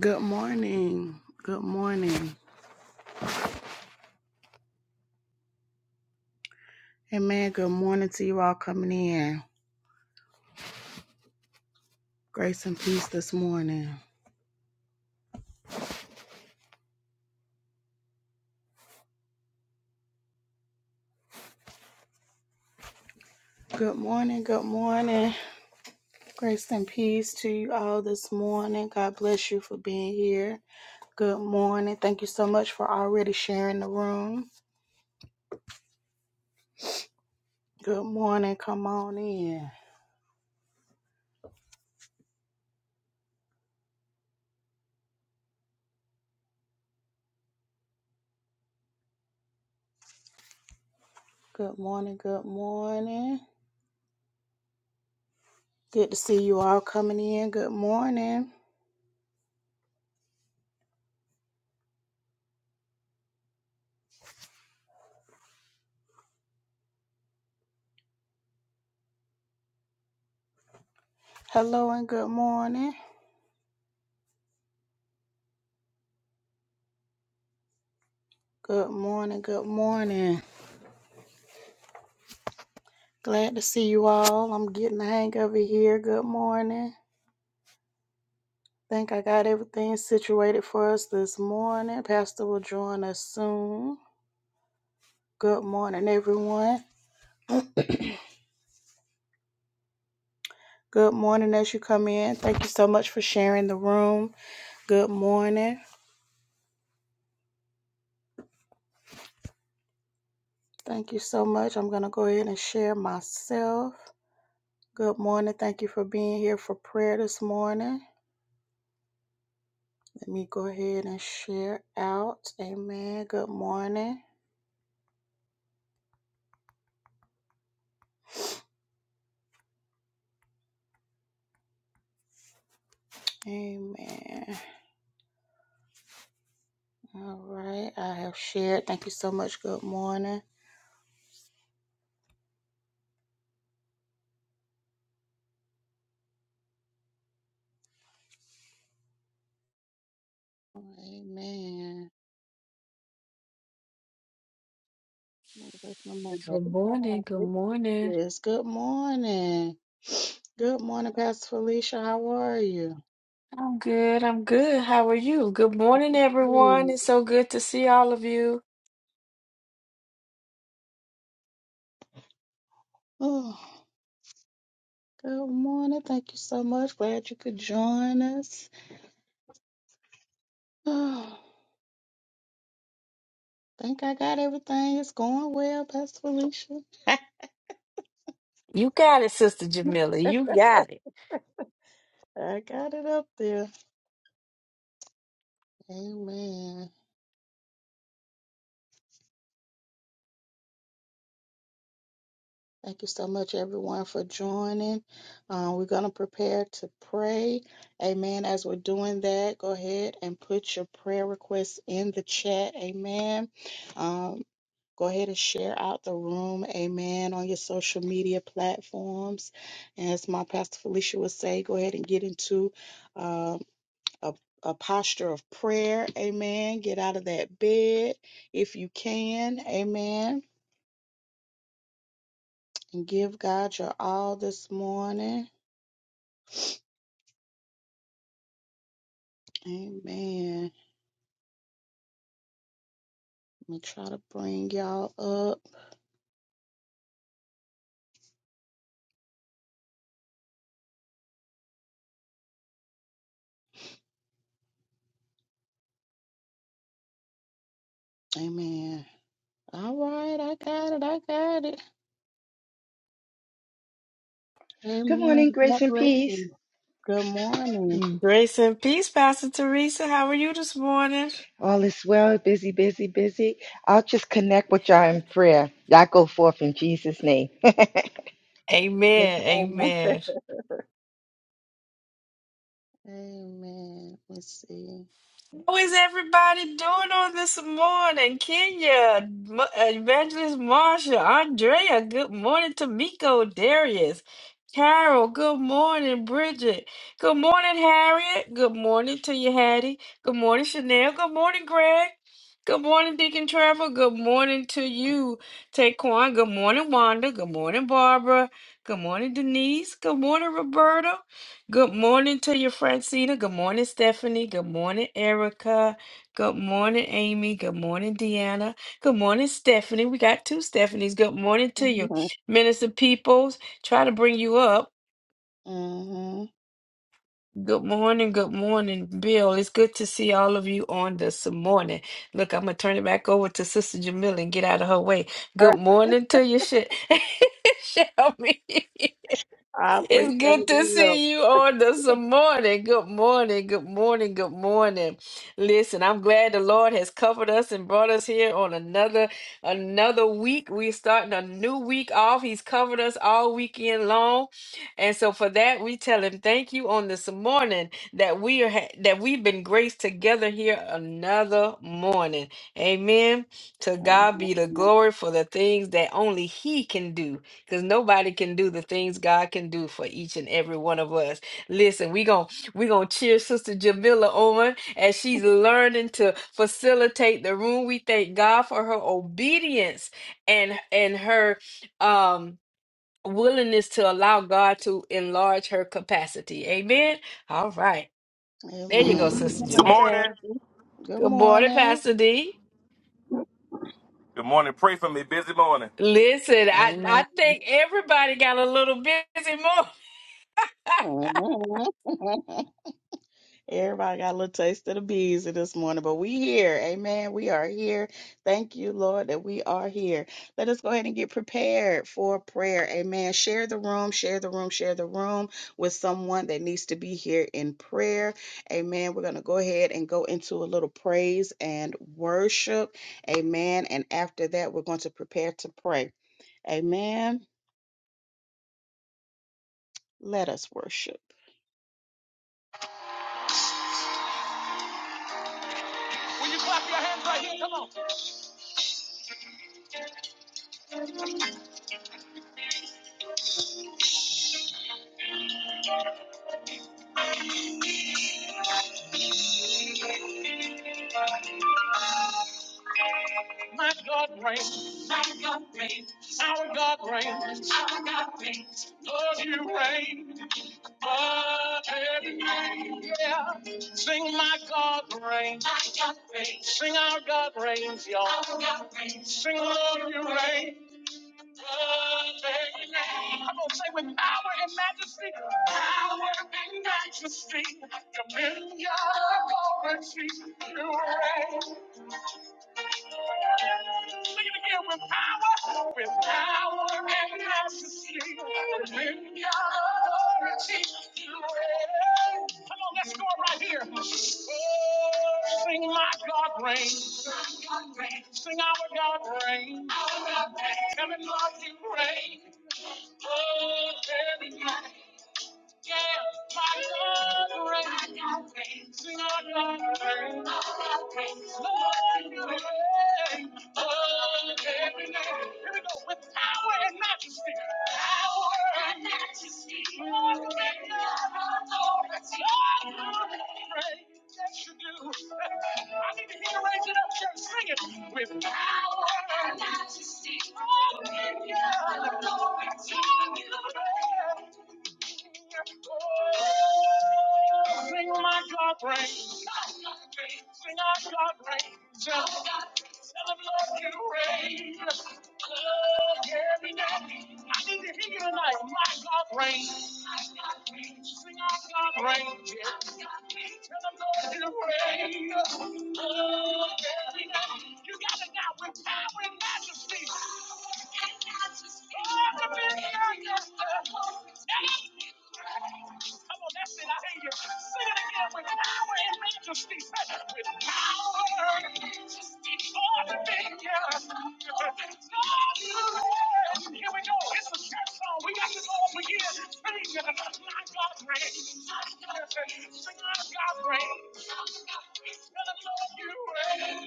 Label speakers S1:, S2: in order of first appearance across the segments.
S1: Good morning. Good morning. Amen. Good morning to you all coming in. Grace and peace this morning. Good morning. Good morning. Grace and peace to you all this morning. God bless you for being here. Good morning. Thank you so much for already sharing the room. Good morning. Come on in. Good morning. Good morning. Good to see you all coming in. Good morning. Hello and good morning. Good morning. Good morning. Glad to see you all. I'm getting the hang of it here. Good morning. Think I got everything situated for us this morning. Pastor will join us soon. Good morning, everyone. Good morning as you come in. Thank you so much for sharing the room. Good morning. Thank you so much. I'm going to go ahead and share myself. Good morning. Thank you for being here for prayer this morning. Let me go ahead and share out. Amen. Good morning. Amen. All right, I have shared. Thank you so much. Good morning. Amen. Let me break my mic.
S2: Good morning. Good
S1: Yes,
S2: morning.
S1: yes. Good morning. Good morning, Pastor Felicia. How are you?
S2: I'm good. I'm good. How are you? Good morning, everyone.
S1: Good.
S2: It's so good to see all of you.
S1: Oh, good morning. Thank you so much. Glad you could join us. Oh, think I got everything. It's going well, Pastor Felicia.
S2: You got it, Sister Jamila. You got
S1: I got it up there. Amen. Thank you so much, everyone, for joining. Uh, we're going to prepare to pray. Amen. As we're doing that, go ahead and put your prayer requests in the chat. Amen. Um, go ahead and share out the room. Amen. On your social media platforms. And as my pastor Felicia would say, go ahead and get into um, a a posture of prayer, amen. Get out of that bed if you can, amen. And give God your all this morning. Amen. Let me try to bring y'all up. Amen. All right, I got it. I got it.
S3: Good
S1: Amen.
S3: morning,
S1: God
S3: grace and
S1: bless
S3: peace.
S1: you. Good morning.
S2: it. Grace and peace, Pastor Teresa. How are you this morning?
S3: All is well, busy, busy, busy. I'll just connect with y'all in prayer. Y'all go forth in Jesus' name.
S2: Amen.
S1: Amen.
S2: Amen.
S1: Amen. Let's see.
S2: How is everybody doing on this morning? Kenya, M- Evangelist Marsha, Andrea, good morning. Tamiko, Darius, Carol, good morning. Bridget, good morning. Harriet, good morning to you, Hattie. Good morning, Chanel. Good morning, Greg. Good morning, Deacon Trevor. Good morning to you, Taquan. Good morning, Wanda. Good morning, Barbara. Good morning, Denise. Good morning, Roberta. Good morning to you, Francina. Good morning, Stephanie. Good morning, Erica. Good morning, Amy. Good morning, Deanna. Good morning, Stephanie. We got two Stephanies. Good morning to you,
S1: Mm-hmm.
S2: Minister Peoples. Try to bring you up. Good morning, good morning, Bill. It's good to see all of you on this morning. Look, I'm gonna turn it back over to Sister Jamila and get out of her way. Good morning to you, Sh- Shelby.
S1: I
S2: It's
S1: appreciate
S2: good to
S1: the help.
S2: see you on this morning. Good morning. Good morning. Good morning. Listen, I'm glad the Lord has covered us and brought us here on another another week. We're starting a new week off. He's covered us all weekend long, and so for that, we tell Him thank you on this morning that we are ha- that we've been graced together here another morning. Amen. To God be the
S1: Amen.
S2: glory for the things that only He can do because nobody can do the things God can do for each and every one of us. Listen, we're going we're gonna cheer Sister Jamila on as she's learning to facilitate the room. We thank God for her obedience and and her um willingness to allow God to enlarge her capacity. Amen. All right. There you go,
S1: Amen.
S2: Sister
S1: Good
S4: Good
S1: morning,
S2: Jamila.
S4: morning.
S1: Pastor. Good
S2: Good morning,
S1: morning.
S2: Pastor D.
S4: Good morning. Pray for me. Busy morning.
S2: Listen, I, I
S1: Amen.
S2: think everybody got a little busy morning.
S1: Amen. Everybody got a little taste of the bees this morning, but we here. Amen. We are here. Thank you, Lord, that we are here. Let us go ahead and get prepared for prayer. Amen. Share the room, share the room, share the room with someone that needs to be here in prayer. Amen. We're going to go ahead and go into a little praise and worship. Amen. And after that, we're going to prepare to pray. Amen. Let us worship. Will you clap your hands right here? Come on. My God reigns. Our God reigns. Lord, you reign, but every name, yeah. Sing my God reigns, sing our God reigns, y'all. Our God reigns. Sing Lord, you reign, but every name. I'm gonna say with power and majesty, power and majesty, dominion, authority, you reign. Sing it again with power, with power and majesty, dominion, authority, you reign. Come on, let's go right here. Sing my God reigns. Sing our God reigns. Tell him, Lord, you reign. Oh, heaven, Lord, yeah, my God reigns. My God reigns. Sing our God reigns. My God reigns. Lord, you reign. Oh, every name. Here we go. With power and majesty. Power and majesty. Lord, you reign. Authority. Lord, you reign. Yes, you do. I need to hear you raise up, Sing it. With power and majesty. Oh, yeah. Authority. You reign. Sing my God reigns. Sing our God reigns. Celebrate you reign. Oh, every day. I need to hear you tonight. My God reigns. Sing our God reigns. Celebrate you reign. Oh, every day. You got it now with power and majesty. Every minute, yes, sir. Come on, that's it. I hear you. Sing it again with power and majesty. With power and dominion. Here we go. It's a church song. We got to go up again. Sing it. My God reigns. Sing my God reigns. And I love you reign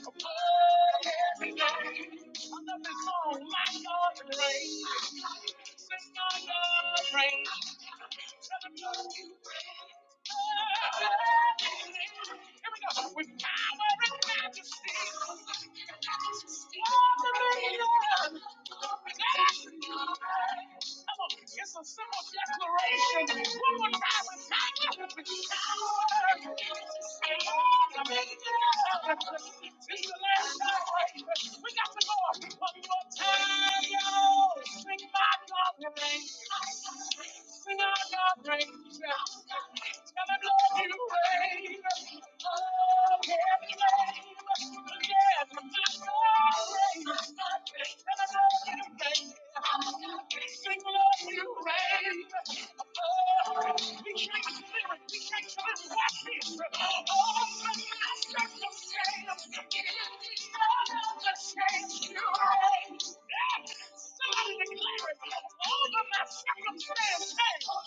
S1: above every name. I love this song. My God reigns. Sing my God reigns. Never know you well. With power and majesty, Come on, it's a simple declaration. One more time, with power, with power. This is the last time, right? We got to go one more time, yo. Sing my God, name. Sing somebody declare it my circumstance. Hey. Sing it one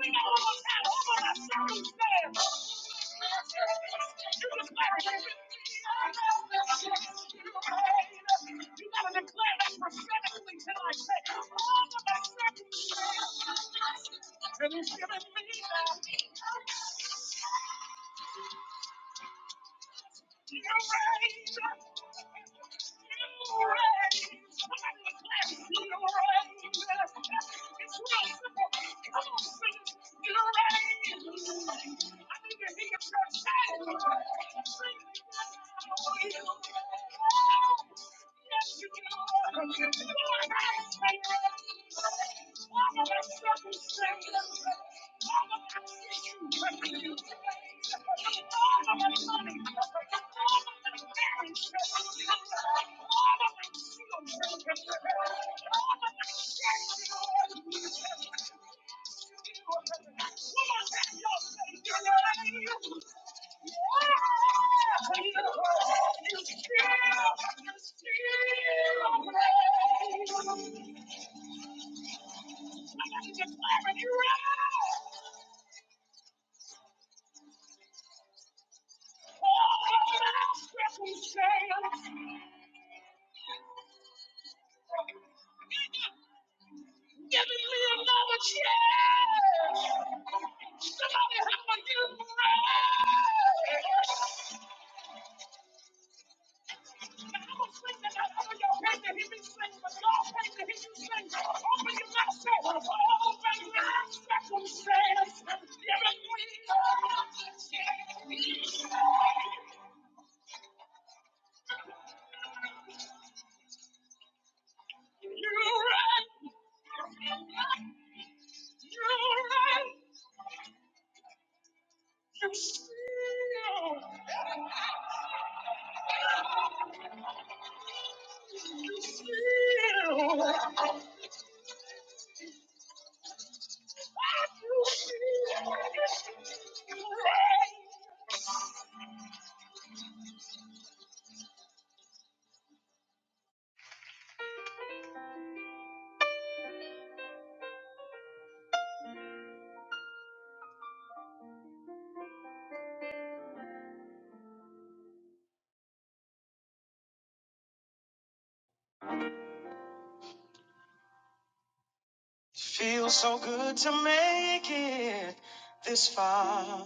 S1: more time over my circumstance. You declare it. You gotta declare that prophetically tonight. Say, over my circumstance. Can you hear me? You still can feel me. I'm just passing you by. Giving me another chance. Somebody help me give praise. I was thinking that all your faith that he be singing, but your faith that he be singing. Open your mouth, say, for all things my circumstance. Giving me another chance. You're right. You're right. You steal, You still. Feels so good to make it this far.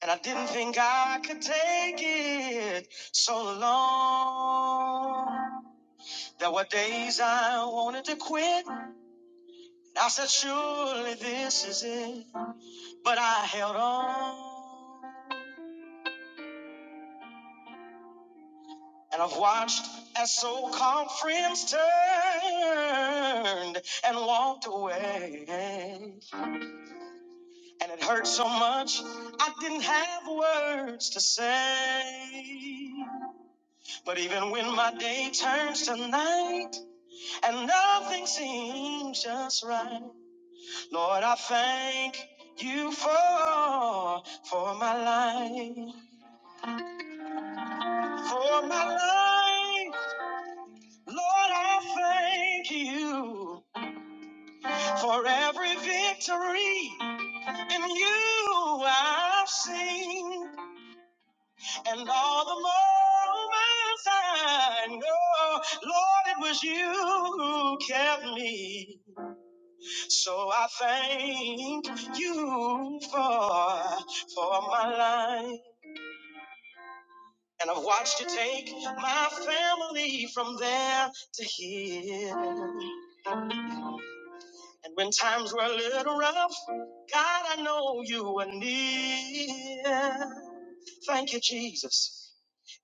S1: And I didn't think I could take it so long. There were days I wanted to quit. I said, surely this is it. But I held on. And I've watched as so-called friends turned and walked away. And it hurt so much, I didn't have words to say. But even when my day turns to night, and nothing seems just right. Lord, I thank you for for my life, for my life. Lord, I thank you for every victory in you I've seen, and all the moments I know, Lord, it was you who kept me. So I thank you for, for my life. And I've watched you take my family from there to here. And when times were a little rough, God, I know you were near. Thank you, Jesus.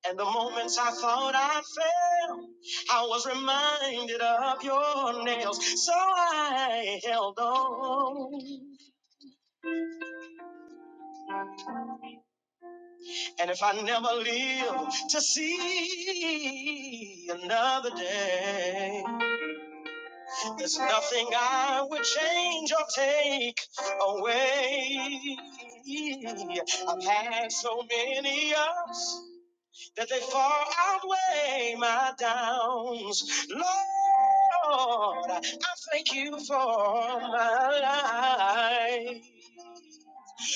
S1: And the moments I thought I failed, I was reminded of your nails. So I held on. And if I never live to see another day, there's nothing I would change or take away. I've had so many ups that they far outweigh my downs. Lord, I thank you for my life,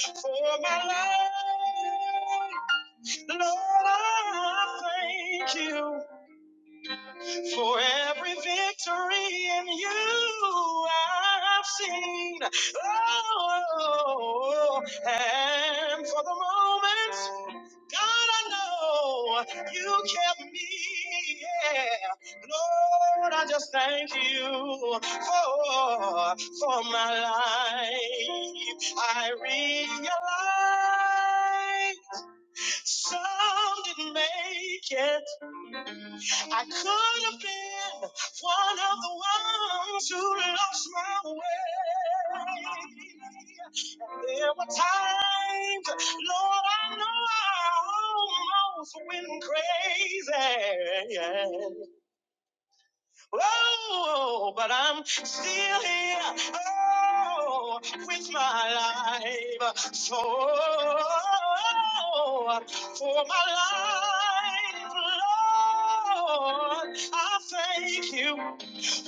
S1: for my life. Lord, I thank you for every victory in you I've seen. Oh, and for the moments, God, I know you kept me. Yeah. Lord, I just thank you for, for my life. I realize. Some didn't make it. I could have been one of the ones who lost my way. And there were times, Lord, I know I almost went crazy. Oh, but I'm still here. Oh, with my life. So, for my life, Lord, I thank you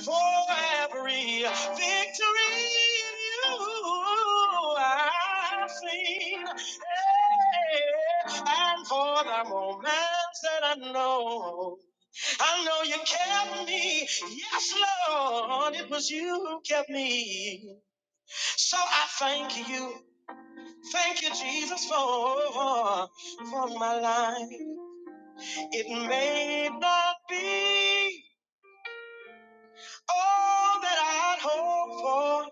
S1: for every victory you have seen, eh, and for the moments that I know. I know you kept me. Yes, Lord, it was you who kept me. So I thank you. Thank you, Jesus, for, for my life. It may not be all that I'd hoped for,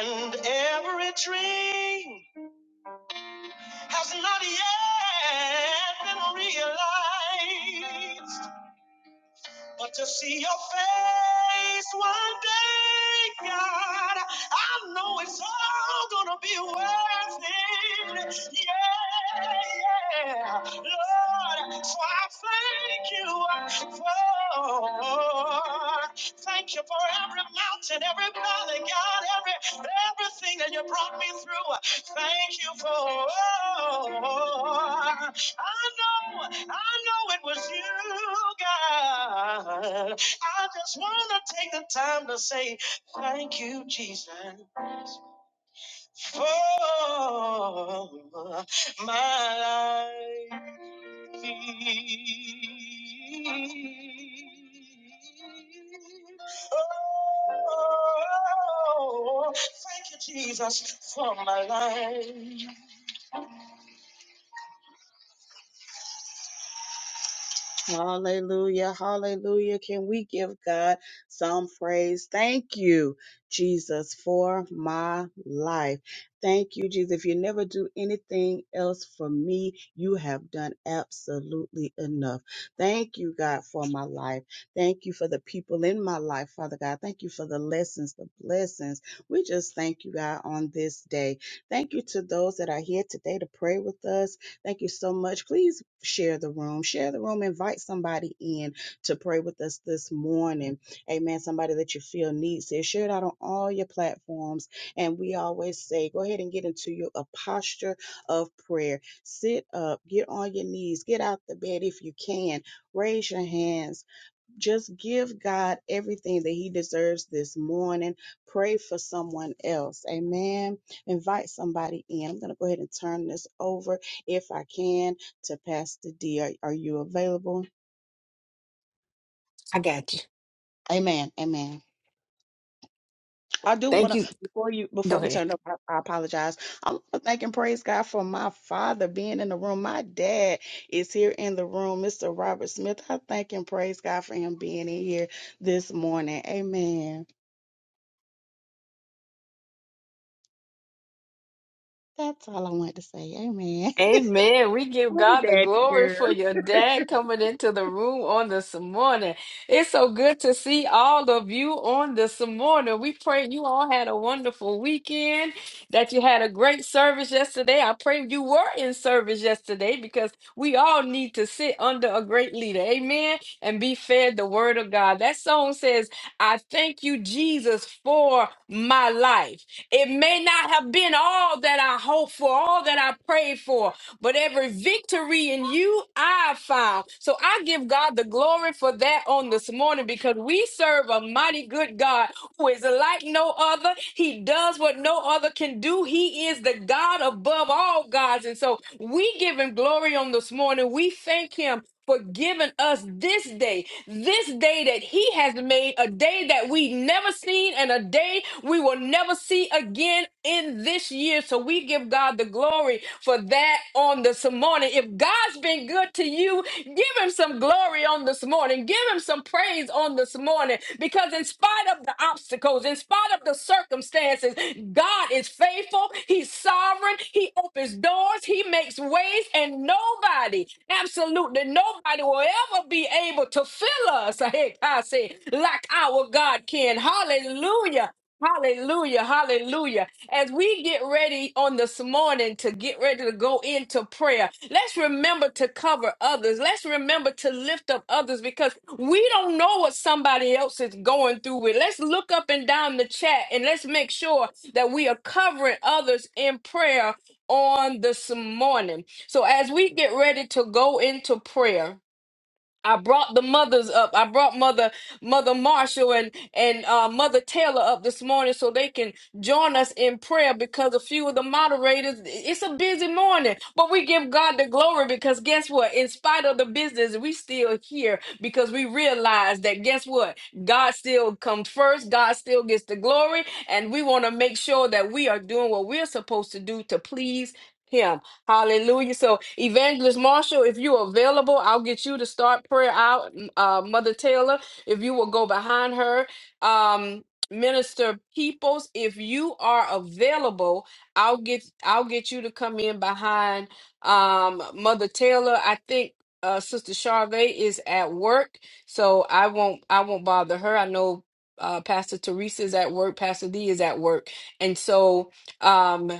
S1: and every dream has not yet been realized. But to see your face one day, God, I know it's all gonna be worth it. Yeah, yeah, Lord. So I thank you uh, for, thank you for every mountain, every valley, God, every everything that you brought me through. Thank you for. I know. I know it was you, God. I just want to take the time to say thank you, Jesus, for my life. Oh, thank you, Jesus, for my life. Hallelujah. Hallelujah. Can we give God some praise? Thank you, Jesus, for my life. Thank you, Jesus. If you never do anything else for me, you have done absolutely enough. Thank you, God, for my life. Thank you for the people in my life, Father God. Thank you for the lessons, the blessings. We just thank you, God, on this day. Thank you to those that are here today to pray with us Thank you so much. Please share the room. Share the room. Invite somebody in to pray with us this morning. Amen. Somebody that you feel needs it. Share it out on all your platforms. And we always say, go ahead and get into your a posture of prayer. Sit up, get on your knees, get out the bed if you can. Raise your hands just give God everything that He deserves this morning. Pray for someone else. Amen. Invite somebody in. I'm going to go ahead and turn this over, if I can, to Pastor D. Are, are you available?
S2: I got you.
S1: Amen. Amen. I do
S2: Thank
S1: want to
S2: you.
S1: before you
S2: Go
S1: before we
S2: ahead.
S1: turn it over. I, I apologize. I'm thanking praise God for my father being in the room. My dad is here in the room, Mr. Robert Smith. I thank and praise God for him being in here this morning. Amen. That's all I wanted to say. Amen.
S2: Amen. We give God the glory for your dad coming into the room on this morning. It's so good to see all of you on this morning. We pray you all had a wonderful weekend, that you had a great service yesterday. I pray you were in service yesterday because we all need to sit under a great leader. Amen. And be fed the word of God. That song says, I thank you, Jesus, for my life. It may not have been all that I hoped for, all that I prayed for, but every victory in you I found. So I give God the glory for that on this morning because we serve a mighty good God who is like no other. He does what no other can do. He is the God above all gods. And so we give him glory on this morning. We thank him for giving us this day. This day that He has made, a day that we never seen, and a day we will never see again in this year. So we give God the glory for that on this morning. If God's been good to you, give Him some glory on this morning. Give Him some praise on this morning because in spite of the obstacles, in spite of the circumstances, God is faithful. He's sovereign. He opens doors. He makes ways, and nobody, absolutely nobody, will ever be able to fill us. I say like our God can. Hallelujah. Hallelujah, hallelujah. As we get ready on this morning to get ready to go into prayer, let's remember to cover others. Let's remember to lift up others because we don't know what somebody else is going through with. Let's look up and down the chat and let's make sure that we are covering others in prayer on this morning. So as we get ready to go into prayer, I brought the mothers up. I brought mother mother Marshall and and uh, mother Taylor up this morning so they can join us in prayer because a few of the moderators. It's a busy morning, but we give God the glory because guess what? In spite of the business, we still here because we realize that guess what? God still comes first. God still gets the glory, and we want to make sure that we are doing what we're supposed to do to please Him. Hallelujah. So, Evangelist Marshall, if you're available, I'll get you to start prayer out. M- Uh, Mother Taylor, if you will go behind her. Um, Minister Peoples, if you are available, I'll get I'll get you to come in behind um, Mother Taylor. I think uh, Sister Charvet is at work, so I won't I won't bother her. I know uh, Pastor Teresa is at work, Pastor D is at work, and so. Um,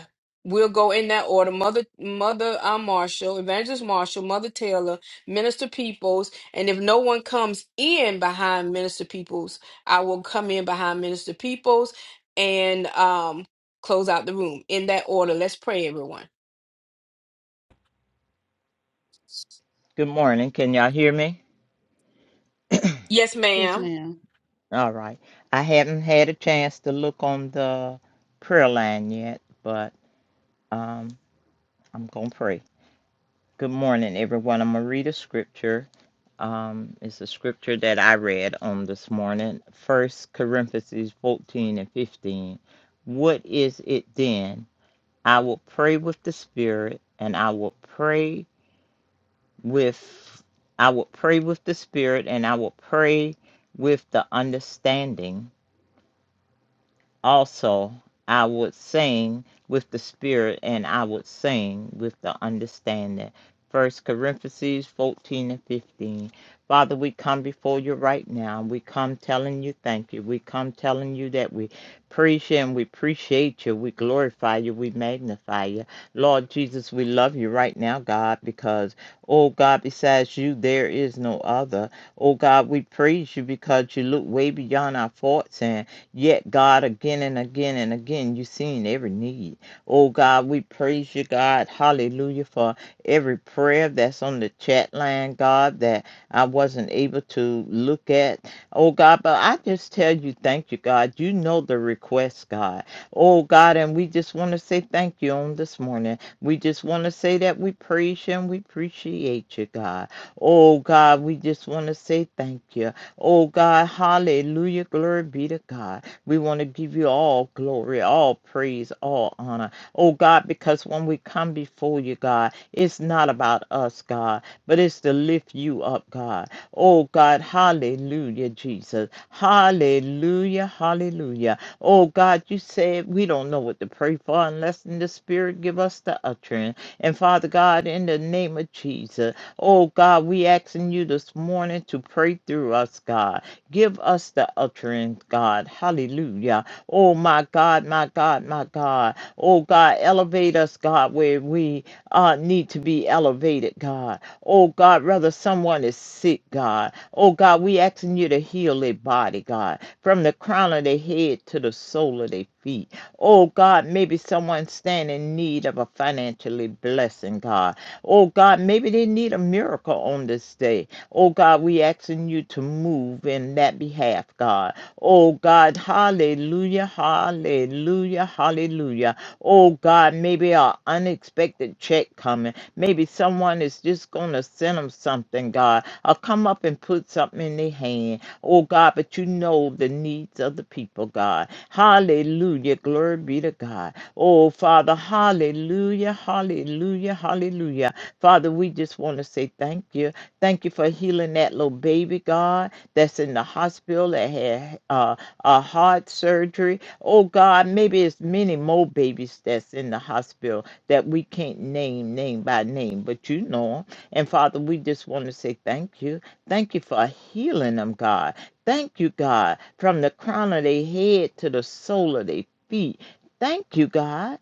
S2: We'll go in that order. Mother, Mother uh, Marshall, Evangelist Marshall, Mother Taylor, Minister Peoples, and if no one comes in behind Minister Peoples, I will come in behind Minister Peoples and um close out the room in that order. Let's pray, everyone.
S5: Good morning. Can y'all hear me?
S2: Yes,
S1: Yes,
S2: ma'am.
S1: ma'am.
S5: All right. I haven't had a chance to look on the prayer line yet, but um, I'm going to pray. Good morning, everyone. I'm going to read a scripture. Um, it's a scripture that I read on this morning, First Corinthians 14 and 15. What is it then? I will pray with the Spirit, and I will pray with I will pray with the Spirit, and I will pray with the understanding. also I would sing with the spirit and I would sing with the understanding. First Corinthians 14 and 15. Father, we come before you right now. We come telling you thank you. We come telling you that we praise you and we appreciate you. We glorify you. We magnify you. Lord Jesus, we love you right now, God, because, oh God, besides you, there is no other. Oh God, we praise you because you look way beyond our faults and Yet, God, again and again and again, you've seen every need. Oh, God, we praise you, God. Hallelujah for every prayer that's on the chat line, God, that I wasn't able to look at. Oh, God, but I just tell you, thank you, God. You know the request, God. Oh, God, and we just want to say thank you on this morning. We just want to say that we praise you and we appreciate you, God. Oh, God, we just want to say thank you. Oh, God, hallelujah. Glory be to God. We want to give you all glory, all praise, all honor. Oh God, because when we come before you, God, it's not about us, God, but it's to lift you up, God. Oh God, hallelujah, Jesus. Hallelujah, hallelujah. Oh God, you said we don't know what to pray for unless in the Spirit give us the utterance. And Father God, in the name of Jesus, oh God, we asking you this morning to pray through us, God. Give us the utterance, God. Hallelujah. Oh, my God, my God, my God. Oh, God, elevate us, God, where we uh, need to be elevated, God. Oh, God, rather someone is sick, God. Oh, God, we asking you to heal their body, God, from the crown of their head to the sole of their feet. Oh, God, maybe someone stand in need of a financially blessing, God. Oh, God, maybe they need a miracle on this day. Oh God, we asking you to move in that behalf, God. Oh God, hallelujah, hallelujah, hallelujah. Oh God, maybe an unexpected check coming. Maybe someone is just going to send them something, God. Or come up and put something in their hand. Oh God, but you know the needs of the people, God. Hallelujah, glory be to God. Oh Father, hallelujah, hallelujah, hallelujah. Father, we just want to say thank you. Thank you for healing that little baby, God, that's in the hospital that had uh, a heart surgery. Oh, God, maybe it's many more babies that's in the hospital that we can't name name by name, but you know 'em. And Father, we just want to say thank you. Thank you for healing them, God. Thank you, God, from the crown of their head to the sole of their feet. Thank you, God.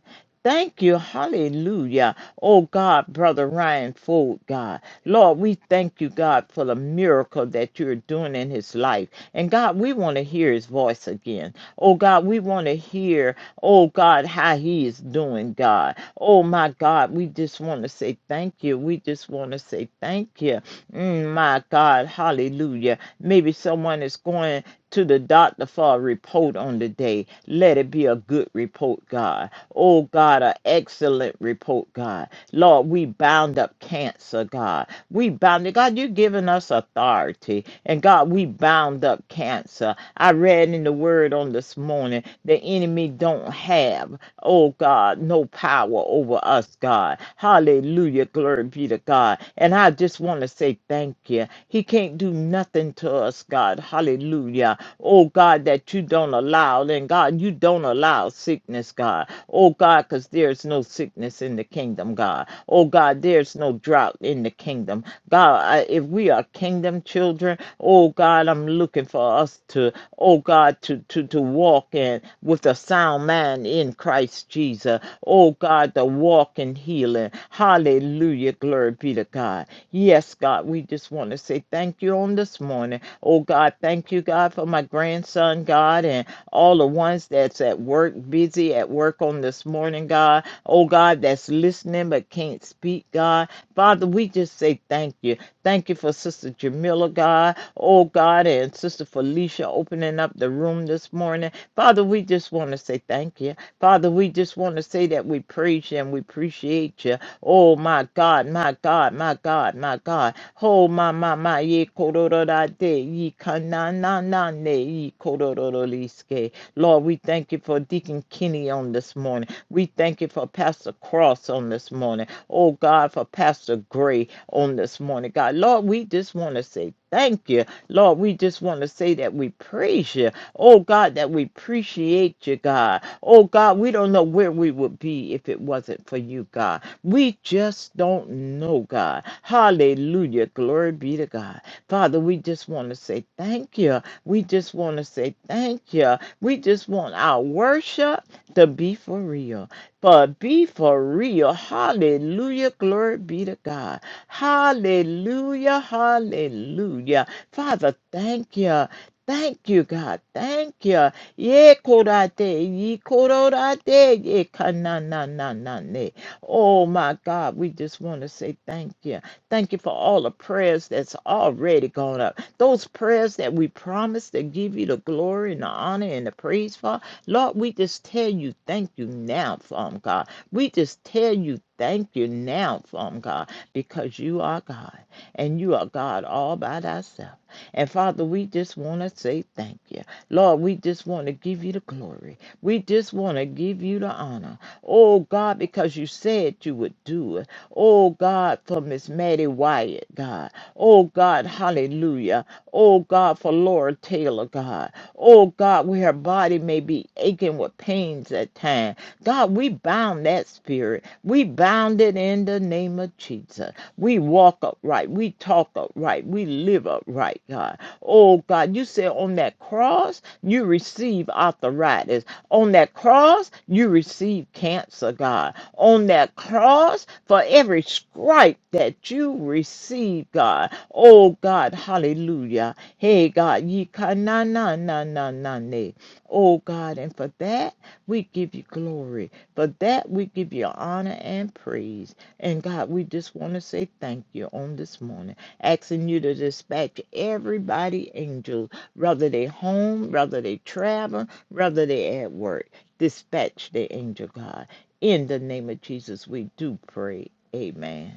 S5: Thank you. Hallelujah. Oh God, Brother Ryan Ford, God. Lord, we thank you, God, for the miracle that you're doing in his life. And God, we want to hear his voice again. Oh God, we want to hear, oh God, how he is doing, God. Oh my God, we just want to say thank you. We just want to say thank you. Mm, my God, hallelujah. Maybe someone is going to the doctor for a report on the day. Let it be a good report, God. Oh, God, an excellent report, God. Lord, we bound up cancer, God. We bound it. God, you've given us authority. And God, we bound up cancer. I read in the word on this morning the enemy don't have. Oh God, no power over us, God. Hallelujah. Glory be to God. And I just want to say thank you. He can't do nothing to us, God. Hallelujah. Oh God, that you don't allow. And God, you don't allow sickness, God. Oh God, because there's no sickness in the kingdom, God. Oh God, there's no drought in the kingdom. God, I, if we are kingdom children, oh God, I'm looking for us to, oh God, to to to walk in with a sound mind in in Christ Jesus. Oh God, the walk in healing. Hallelujah. Glory be to God. Yes, God, we just want to say thank you on this morning. Oh God, thank you, God, for my grandson, God, and all the ones that's at work, busy at work on this morning, God. Oh God, that's listening but can't speak, God. Father, we just say thank you. Thank you for Sister Jamila, God. Oh God, and Sister Felicia opening up the room this morning. Father, we just want to say thank you. Father, we just want to say that we praise you and we appreciate you. Oh, my God, my God, my God, my God. Oh, my, my, my, ye kororo da de, ye kana na na ne, ye kororo liske. Lord, we thank you for Deacon Kenny on this morning. We thank you for Pastor Cross on this morning. Oh, God, for Pastor Gray on this morning. God, Lord, we just want to say thank you. Lord, we just want to say that we praise you. Oh God, that we appreciate you, God. Oh God, we don't know where we would be if it wasn't for you, God. We just don't know, God. Hallelujah. Glory be to God. Father, we just want to say thank you. We just want to say thank you. We just want our worship to be for real. But be for real. Hallelujah. Glory be to God. Hallelujah. Hallelujah. Father, thank you. Thank you, God. Thank you. Ye korate, ye kororate, ye kanananane. Oh, my God, we just want to say thank you. Thank you for all the prayers that's already gone up. Those prayers that we promised to give you the glory and the honor and the praise for. Lord, we just tell you thank you now, Father God. We just tell you thank you now, Father God, because you are God and you are God all by thyself. And Father, we just want to say thank you. Lord, we just want to give you the glory. We just want to give you the honor. Oh, God, because you said you would do it. Oh, God, for Miss Maddie Wyatt, God. Oh, God, hallelujah. Oh, God, for Laura Taylor, God. Oh, God, where her body may be aching with pains at times. God, we bound that spirit. We bound it in the name of Jesus. We walk upright. We talk upright. We live upright, God. Oh, God, you said on that cross, you receive arthritis. On that cross, you receive cancer, God. On that cross, for every stripe that you receive, God. Oh, God, hallelujah. Hey, God, ye ka na na na na na. ne. Oh, God, and for that, we give you glory. For that, we give you honor and praise. And God, we just want to say thank you on this morning, asking you to dispatch everybody angels, whether they home, whether they travel, whether they at work. Dispatch the angel, God. In the name of Jesus, we do pray. Amen.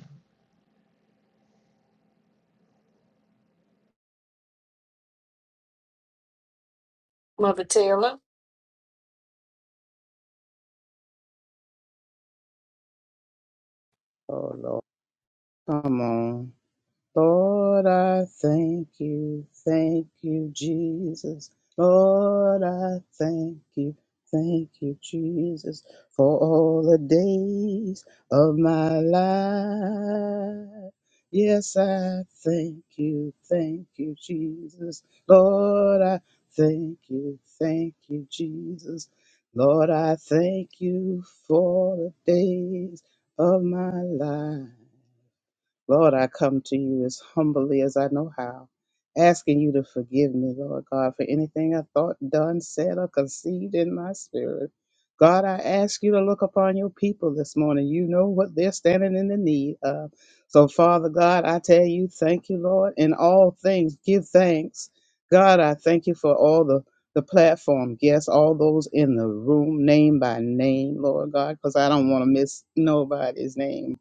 S2: Mother Taylor.
S6: Oh Lord, come on. Lord, I thank you, thank you, Jesus. Lord, I thank you, thank you, Jesus, for all the days of my life. Yes, I thank you, thank you, Jesus. Lord, I thank you, thank you, Jesus. Lord, I thank you for the days of my life. Lord, I come to you as humbly as I know how, asking you to forgive me, Lord God, for anything I thought, done, said, or conceived in my spirit. God, I ask you to look upon your people this morning. You know what they're standing in the need of. So, Father God, I tell you, thank you, Lord. In all things, give thanks. God, I thank you for all the, the platform guests, all those in the room, name by name, Lord God, because I don't want to miss nobody's name.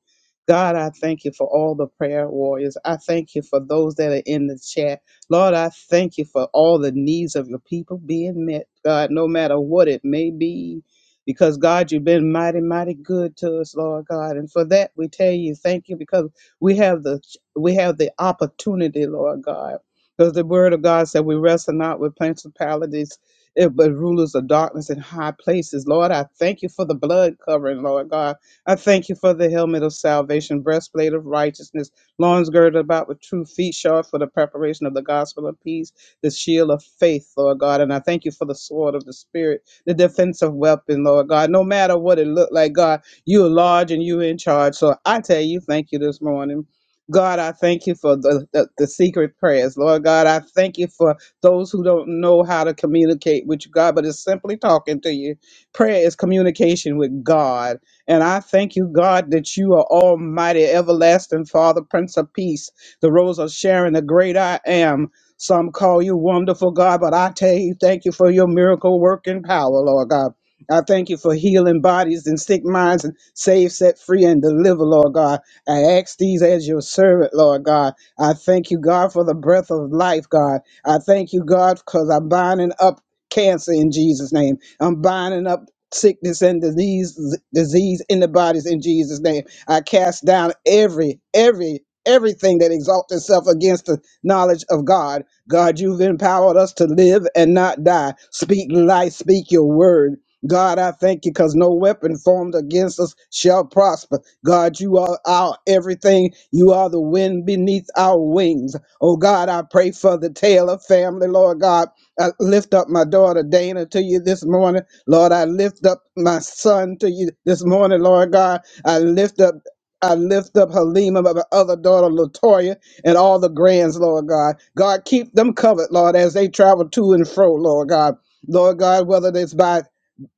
S6: God, I thank you for all the prayer warriors. I thank you for those that are in the chat. Lord, I thank you for all the needs of your people being met, God, no matter what it may be. Because, God, you've been mighty, mighty good to us, Lord God. And for that, we tell you thank you because we have the we have the opportunity, Lord God. Because the word of God said we wrestle not with principalities, eh, but rulers of darkness in high places. Lord, I thank you for the blood covering, Lord God. I thank you for the helmet of salvation, breastplate of righteousness, loins girded about with true feet, shod for the preparation of the gospel of peace, the shield of faith, Lord God. And I thank you for the sword of the Spirit, the defensive weapon, Lord God. No matter what it looked like, God, you are large and you are in charge. So I tell you, thank you this morning. God, I thank you for the, the, the secret prayers. Lord God, I thank you for those who don't know how to communicate with you, God, but it's simply talking to you. Prayer is communication with God. And I thank you, God, that you are Almighty, Everlasting Father, Prince of Peace, the Rose of Sharon, the Great I Am. Some call you Wonderful God, but I tell you, thank you for your miracle working power, Lord God. I thank you for healing bodies and sick minds and save, set free, and deliver, Lord God. I ask these as your servant, Lord God. I thank you, God, for the breath of life, God. I thank you, God, because I'm binding up cancer in Jesus' name. I'm binding up sickness and disease disease in the bodies in Jesus name. I cast down every every everything that exalts itself against the knowledge of God. God, you've empowered us to live and not die. Speak life, speak your word. God, I thank you because no weapon formed against us shall prosper. God, you are our everything. You are the wind beneath our wings. Oh God, I pray for the Taylor family, Lord God. I lift up my daughter Dana to you this morning. Lord, I lift up my son to you this morning, Lord God. I lift up I lift up Halima, my other daughter, Latoya, and all the grands, Lord God. God, keep them covered, Lord, as they travel to and fro, Lord God. Lord God, whether it's by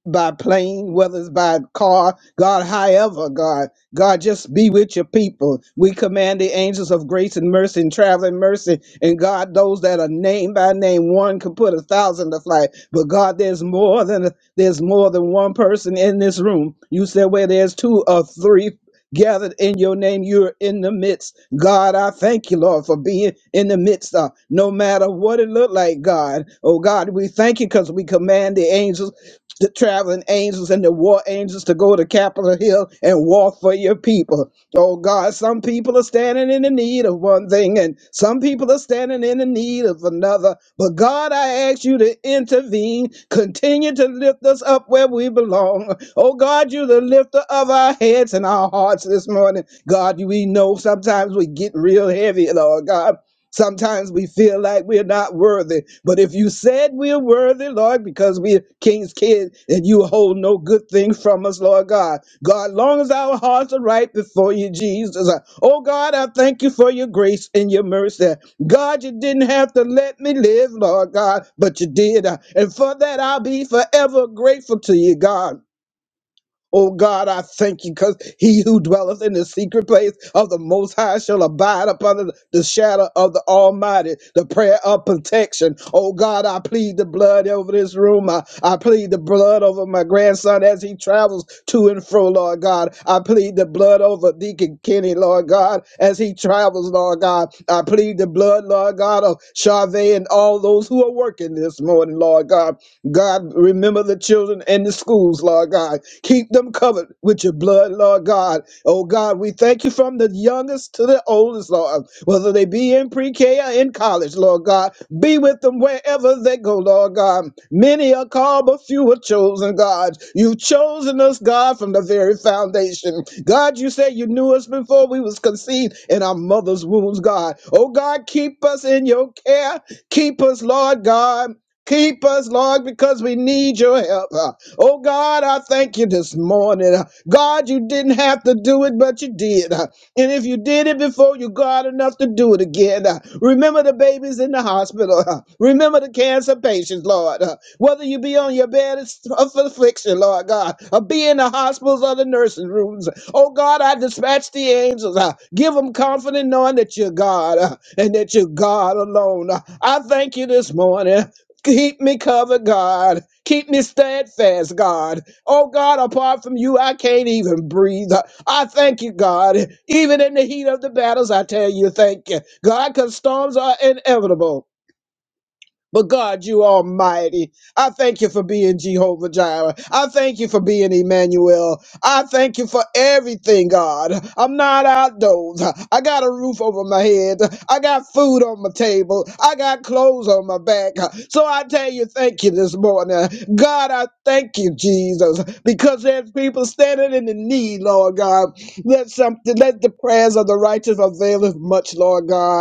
S6: by plane, whether it's by car, God, however, God, God, just be with your people. We command the angels of grace and mercy and traveling mercy, and God, those that are named by name, one can put a thousand to flight, but God, there's more than there's more than one person in this room. You said where there's two or three. Gathered in your name, you're in the midst. God, I thank you, Lord, for being in the midst of no matter what it looked like, God. Oh, God, we thank you because we command the angels the traveling angels and the war angels to go to Capitol Hill and walk for your people. Oh God, some people are standing in the need of one thing and some people are standing in the need of another. But God, I ask you to intervene. Continue to lift us up where we belong. Oh God, you're the lifter of our heads and our hearts this morning. God, we know sometimes we get real heavy, Lord God. Sometimes we feel like we're not worthy, but if you said we're worthy, Lord, because we're king's kids and you hold no good thing from us, Lord God. God, long as our hearts are right before you, Jesus. Uh, Oh God, I thank you for your grace and your mercy. God, you didn't have to let me live, Lord God, but you did. Uh, And for that, I'll be forever grateful to you, God. Oh God, I thank you because he who dwelleth in the secret place of the Most High shall abide upon the the shadow of the Almighty. The prayer of protection. Oh God, I plead the blood over this room. I, I plead the blood over my grandson as he travels to and fro, Lord God. I plead the blood over Deacon Kenny, Lord God, as he travels, Lord God. I plead the blood, Lord God, of Charvet and all those who are working this morning, Lord God. God, remember the children in the schools, Lord God. Keep them covered with your blood, Lord God. Oh God, we thank you from the youngest to the oldest, Lord. Whether they be in pre-K or in college, Lord God, be with them wherever they go, Lord God. Many are called, but few are chosen, God. You've chosen us, God, from the very foundation. God, you said you knew us before we was conceived in our mother's wombs, God. Oh God, keep us in your care. Keep us, Lord God. Keep us, Lord, because we need your help. Oh God, I thank you this morning. God, you didn't have to do it, but you did. And if you did it before, you got enough to do it again. Uh, Remember the babies in the hospital. uh, Remember the cancer patients, Lord. Uh, Whether you be on your bed of affliction, Lord God, or be in the hospitals or the nursing rooms. Oh God, I dispatch the angels. uh, Give them confidence knowing that you're God uh, and that you're God alone. Uh, I thank you this morning. Keep me covered, God. Keep me steadfast, God. Oh, God, apart from you, I can't even breathe. I thank you, God. Even in the heat of the battles, I tell you, thank you. God, because storms are inevitable. But God, you almighty, I thank you for being Jehovah Jireh. I thank you for being Emmanuel. I thank you for everything, God. I'm not outdoors. I got a roof over my head. I got food on my table. I got clothes on my back. So I tell you, thank you this morning. God, I thank you, Jesus, because there's people standing in the need, Lord God. Let something, let the prayers of the righteous avail us much, Lord God.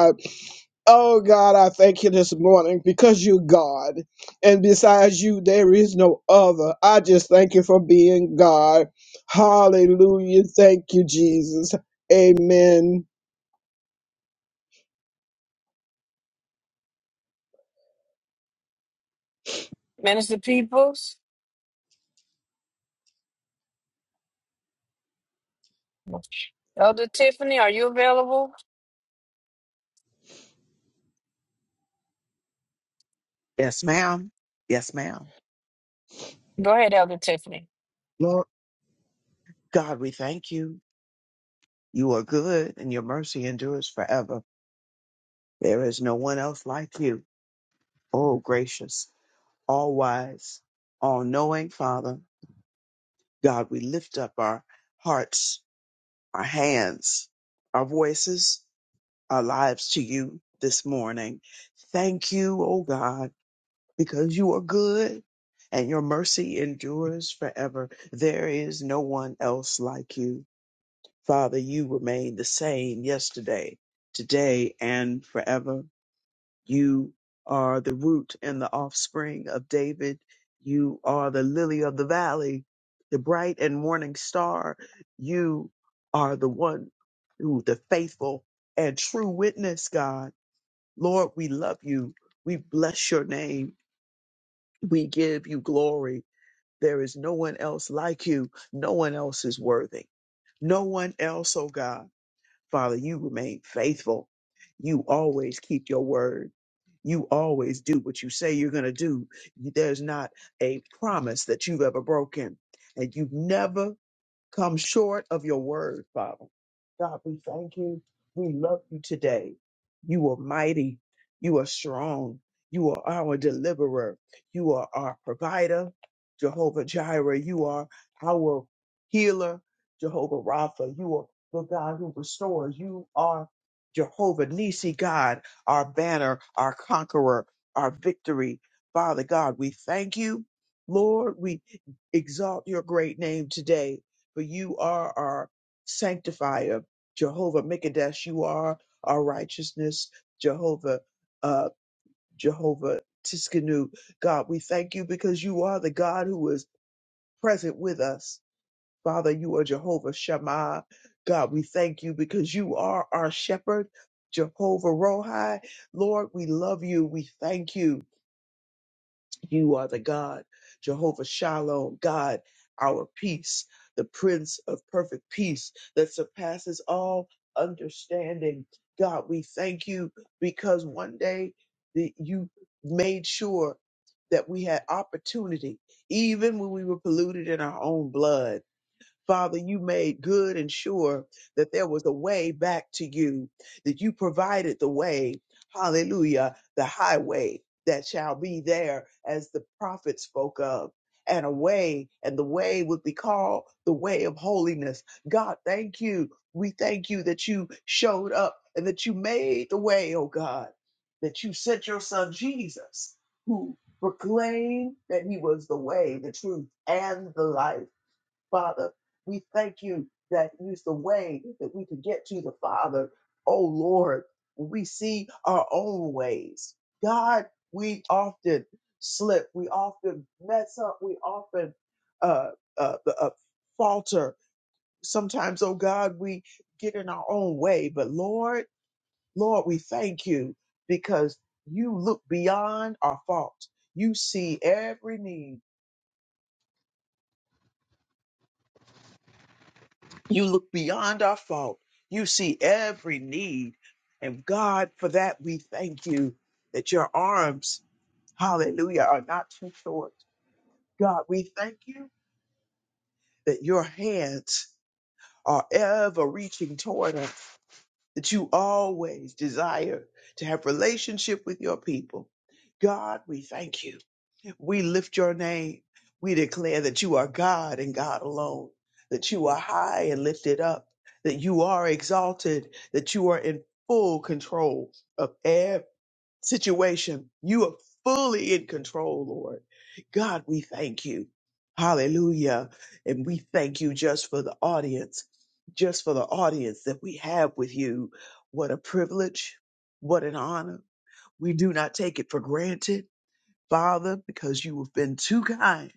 S6: Oh God, I thank you this morning because you God. And besides you, there is no other. I just thank you for being God. Hallelujah. Thank you, Jesus. Amen.
S2: Minister Peoples, Elder Tiffany, are you available?
S7: Yes, ma'am. Yes, ma'am.
S2: Go ahead, Elder Tiffany.
S7: Lord God, we thank you. You are good and your mercy endures forever. There is no one else like you. Oh, gracious, all wise, all knowing Father. God, we lift up our hearts, our hands, our voices, our lives to you this morning. Thank you, oh God, because you are good and your mercy endures forever. There is no one else like you. Father, you remain the same yesterday, today, and forever. You are the root and the offspring of David. You are the lily of the valley, the bright and morning star. You are the one who, the faithful and true witness, God. Lord, we love you. We bless your name. We give you glory. There is no one else like you. No one else is worthy. No one else, oh God. Father, you remain faithful. You always keep your word. You always do what you say you're going to do. There's not a promise that you've ever broken, and you've never come short of your word, Father. God, we thank you. We love you today. You are mighty. You are strong. You are our deliverer. You are our provider, Jehovah Jireh. You are our healer, Jehovah Rapha. You are the God who restores. You are Jehovah Nisi God, our banner, our conqueror, our victory. Father God, we thank you. Lord, we exalt your great name today for you are our sanctifier, Jehovah Mikadesh. You are our righteousness, Jehovah, uh, Jehovah Tiskanu. God, we thank you because you are the God who is present with us. Father, you are Jehovah Shammah. God, we thank you because you are our shepherd, Jehovah Rohi. Lord, we love you. We thank you. You are the God, Jehovah Shalom, God, our peace, the Prince of perfect peace that surpasses all understanding. God, we thank you because one day that you made sure that we had opportunity, even when we were polluted in our own blood. Father, you made good and sure that there was a way back to you, that you provided the way, hallelujah, the highway that shall be there as the prophet spoke of. And a way, and the way would be called the way of holiness. God, thank you. We thank you that you showed up and that you made the way, oh God, that you sent your son Jesus, who proclaimed that he was the way, the truth, and the life. Father. We thank you that that is the way that we could get to the Father. Oh Lord, we see our own ways. God, we often slip, we often mess up, we often uh, uh, uh, falter. Sometimes, oh God, we get in our own way. But Lord, Lord, we thank you because you look beyond our fault. You see every need You look beyond our fault. You see every need. And God, for that, we thank you that your arms, hallelujah, are not too short. God, we thank you that your hands are ever reaching toward us, that you always desire to have relationship with your people. God, we thank you. We lift your name. We declare that you are God and God alone, that you are high and lifted up, that you are exalted, that you are in full control of every situation. You are fully in control, Lord. God, we thank you. Hallelujah. And we thank you just for the audience, just for the audience that we have with you. What a privilege. What an honor. We do not take it for granted Father, because you have been too kind.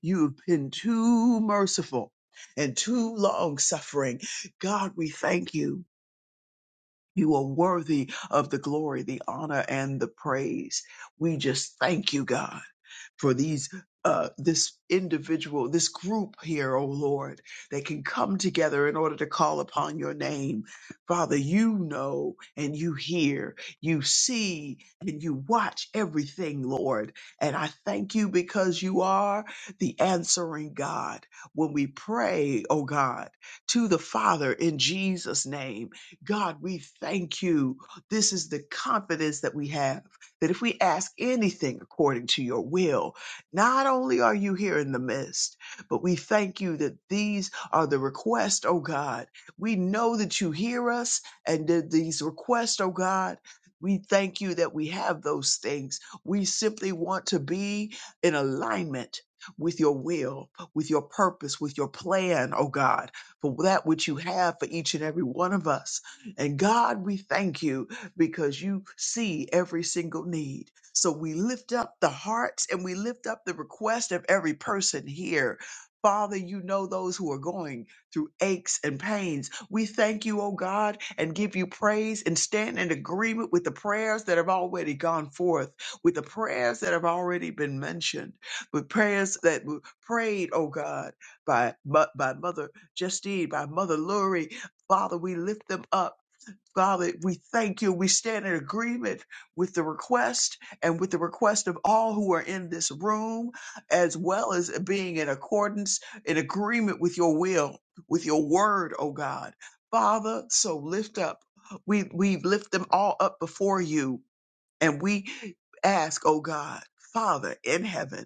S7: You have been too merciful and too long suffering. God, we thank you. You are worthy of the glory, the honor, and the praise. We just thank you, God for these uh, this individual, this group here, O Lord, that can come together in order to call upon your name. Father, you know and you hear, you see and you watch everything, Lord. And I thank you because you are the answering God. When we pray, O God, to the Father in Jesus' name, God, we thank you. This is the confidence that we have that if we ask anything according to your will, not only are you here in the midst, but we thank you that these are the requests, oh God. We know that you hear us and that these requests, oh God. We thank you that we have those things. We simply want to be in alignment with your will, with your purpose, with your plan, oh God, for that which you have for each and every one of us. And God, we thank you because you see every single need. So we lift up the hearts and we lift up the request of every person here. Father, you know those who are going through aches and pains. We thank you, O God, and give you praise and stand in agreement with the prayers that have already gone forth, with the prayers that have already been mentioned, with prayers that were prayed, O God, by, by Mother Justine, by Mother Lurie. Father, we lift them up Father, we thank you. We stand in agreement with the request and with the request of all who are in this room, as well as being in accordance, in agreement with your will, with your word, oh God. Father, so lift up. We, we lift them all up before you and we ask, oh God, Father in heaven,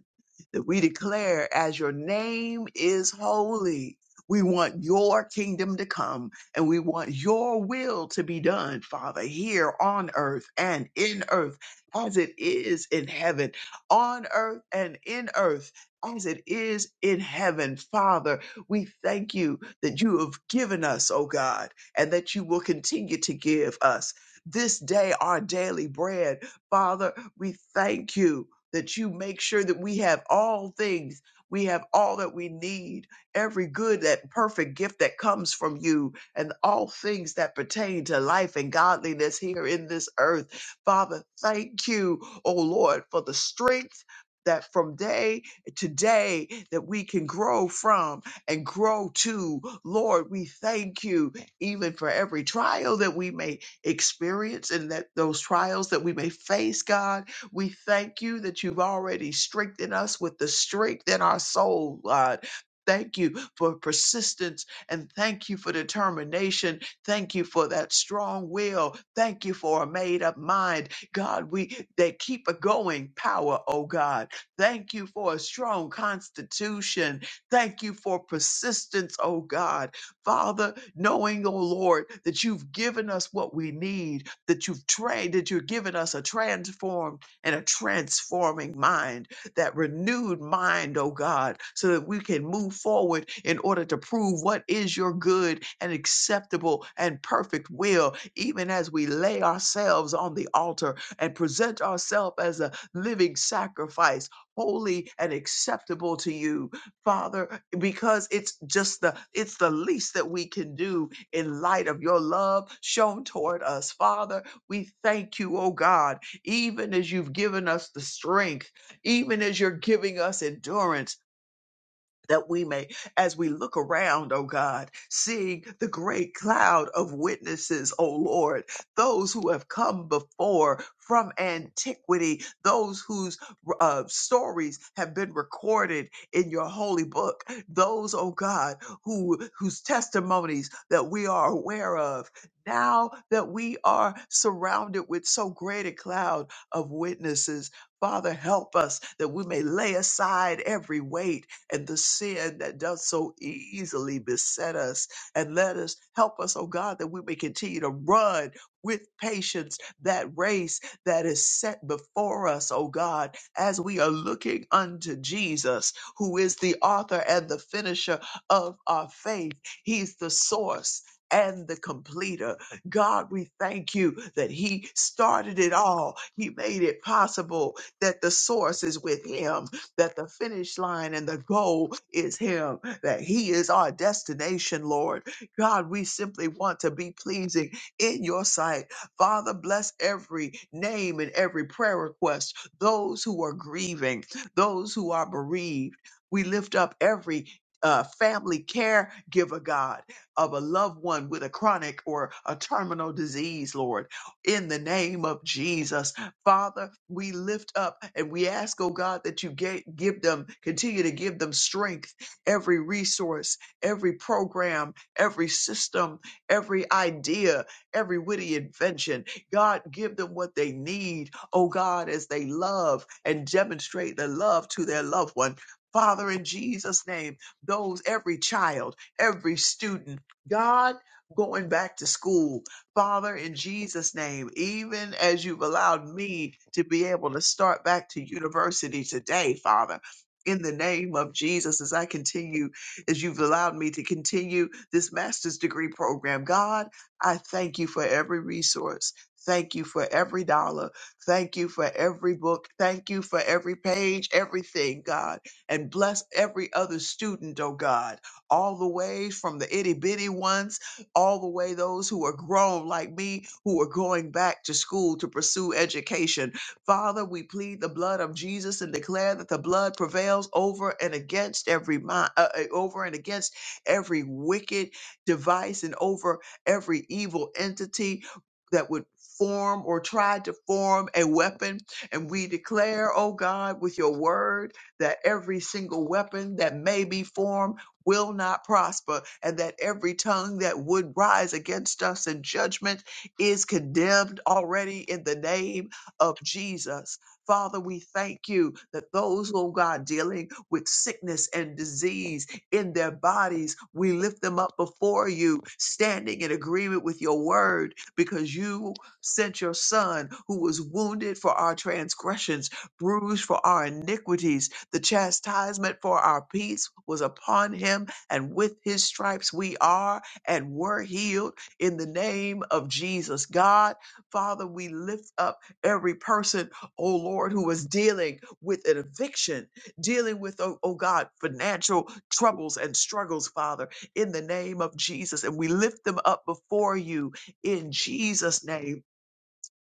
S7: that we declare as your name is holy. We want your kingdom to come and we want your will to be done, Father, here on earth and in earth as it is in heaven, on earth and in earth as it is in heaven. Father, we thank you that you have given us, oh God, and that you will continue to give us this day our daily bread. Father, we thank you that you make sure that we have all things. We have all that we need, every good, that perfect gift that comes from you, and all things that pertain to life and godliness here in this earth. Father, thank you, oh Lord, for the strength that from day to day that we can grow from and grow to. Lord, we thank you even for every trial that we may experience and that those trials that we may face, God. We thank you that you've already strengthened us with the strength in our soul, God. Thank you for persistence and thank you for determination. Thank you for that strong will. Thank you for a made up mind. God, we they keep a going power, oh God. Thank you for a strong constitution. Thank you for persistence, oh God. Father, knowing, oh Lord, that you've given us what we need, that you've trained, that you've given us a transformed and a transforming mind, that renewed mind, oh God, so that we can move forward in order to prove what is your good and acceptable and perfect will, even as we lay ourselves on the altar and present ourselves as a living sacrifice, holy and acceptable to you Father, because it's just the it's the least that we can do in light of your love shown toward us. Father, we thank you, oh God, even as you've given us the strength, even as you're giving us endurance that we may, as we look around, oh God, seeing the great cloud of witnesses, oh Lord, those who have come before from antiquity, those whose uh, stories have been recorded in your holy book, those, oh God, who whose testimonies that we are aware of. Now that we are surrounded with so great a cloud of witnesses, Father, help us that we may lay aside every weight and the sin that does so easily beset us. And let us help us, oh God, that we may continue to run with patience that race that is set before us, oh God, as we are looking unto Jesus, who is the author and the finisher of our faith. He's the source. And the completer. God, we thank you that He started it all. He made it possible that the source is with Him that the finish line and the goal is Him, that He is our destination, Lord. God, we simply want to be pleasing in your sight. Father, bless every name and every prayer request, those who are grieving, those who are bereaved. We lift up every uh, family caregiver, God, of a loved one with a chronic or a terminal disease, Lord, in the name of Jesus. Father, we lift up and we ask, oh God, that you ga- give them, continue to give them strength, every resource, every program, every system, every idea, every witty invention. God, give them what they need, oh God, as they love and demonstrate the love to their loved one. Father, in Jesus' name, those, every child, every student, God, going back to school, Father, in Jesus' name, even as you've allowed me to be able to start back to university today, Father, in the name of Jesus, as I continue, as you've allowed me to continue this master's degree program, God, I thank you for every resource. Thank you for every dollar. Thank you for every book. Thank you for every page, everything, God. And bless every other student, oh God, all the way from the itty bitty ones all the way those who are grown like me, who are going back to school to pursue education. Father, we plead the blood of Jesus and declare that the blood prevails over and against every mind, uh, uh, over and against every wicked device and over every evil entity that would form or try to form a weapon. And we declare, oh God, with your word that every single weapon that may be formed will not prosper, and that every tongue that would rise against us in judgment is condemned already in the name of Jesus. Father, we thank you that those, oh God, dealing with sickness and disease in their bodies, we lift them up before you, standing in agreement with your word, because you sent your son who was wounded for our transgressions, bruised for our iniquities the chastisement for our peace was upon him, and with his stripes we are and were healed in the name of Jesus. God, Father, we lift up every person, oh Lord, who is dealing with an eviction, dealing with, oh, oh God, financial troubles and struggles, Father, in the name of Jesus. And we lift them up before you in Jesus' name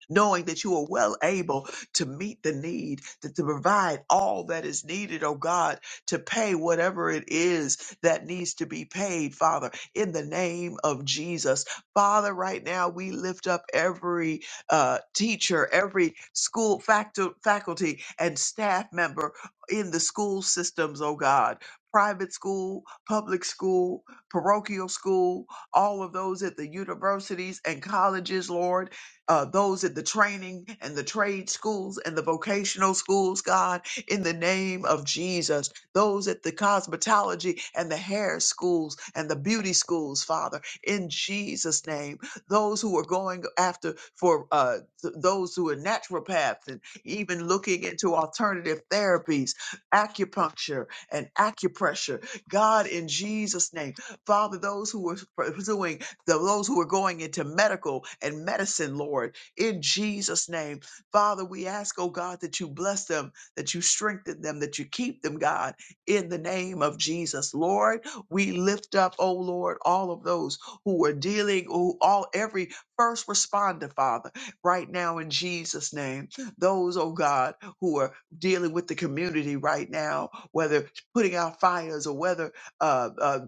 S7: knowing that you are well able to meet the need, that to provide all that is needed, oh God, to pay whatever it is that needs to be paid, Father, in the name of Jesus. Father, right now we lift up every uh, teacher, every school factu- faculty and staff member in the school systems, oh God. Private school, public school, parochial school, all of those at the universities and colleges, Lord uh, those at the training and the trade schools and the vocational schools, God, in the name of Jesus, those at the cosmetology and the hair schools and the beauty schools, Father, in Jesus' name, those who are going after for uh, th- those who are naturopaths and even looking into alternative therapies, acupuncture and acupressure, God, in Jesus' name, Father, those who are pursuing the- those who are going into medical and medicine, Lord, in Jesus' name. Father, we ask, oh God, that you bless them, that you strengthen them, that you keep them, God, in the name of Jesus. Lord, we lift up, oh Lord, all of those who are dealing, who all every first responder, Father, right now in Jesus' name. Those, oh God, who are dealing with the community right now, whether putting out fires or whether uh, uh,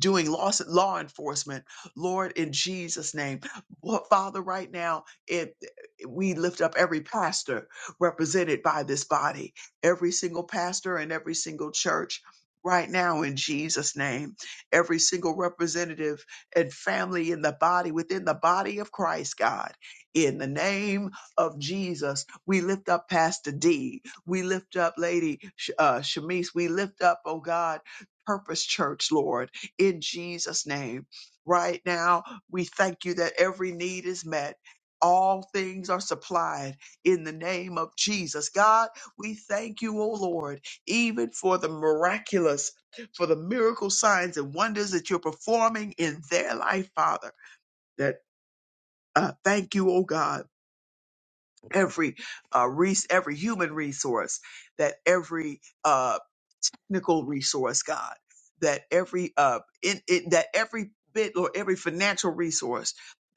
S7: doing law, law enforcement Lord, in Jesus' name. Well, Father, right now, it, we lift up every pastor represented by this body, every single pastor and every single church. Right now, in Jesus' name, every single representative and family in the body, within the body of Christ, God, in the name of Jesus, we lift up Pastor D. We lift up Lady Sh- uh, Shamice. We lift up, oh God, Purpose Church, Lord, in Jesus' name right now. We thank you that every need is met. All things are supplied in the name of Jesus. God, we thank you, O Lord, even for the miraculous, for the miracle signs and wonders that you're performing in their life, Father. That uh, thank you, O God, every uh, res- every human resource, that every uh, technical resource, God, that every uh in it that every bit or every financial resource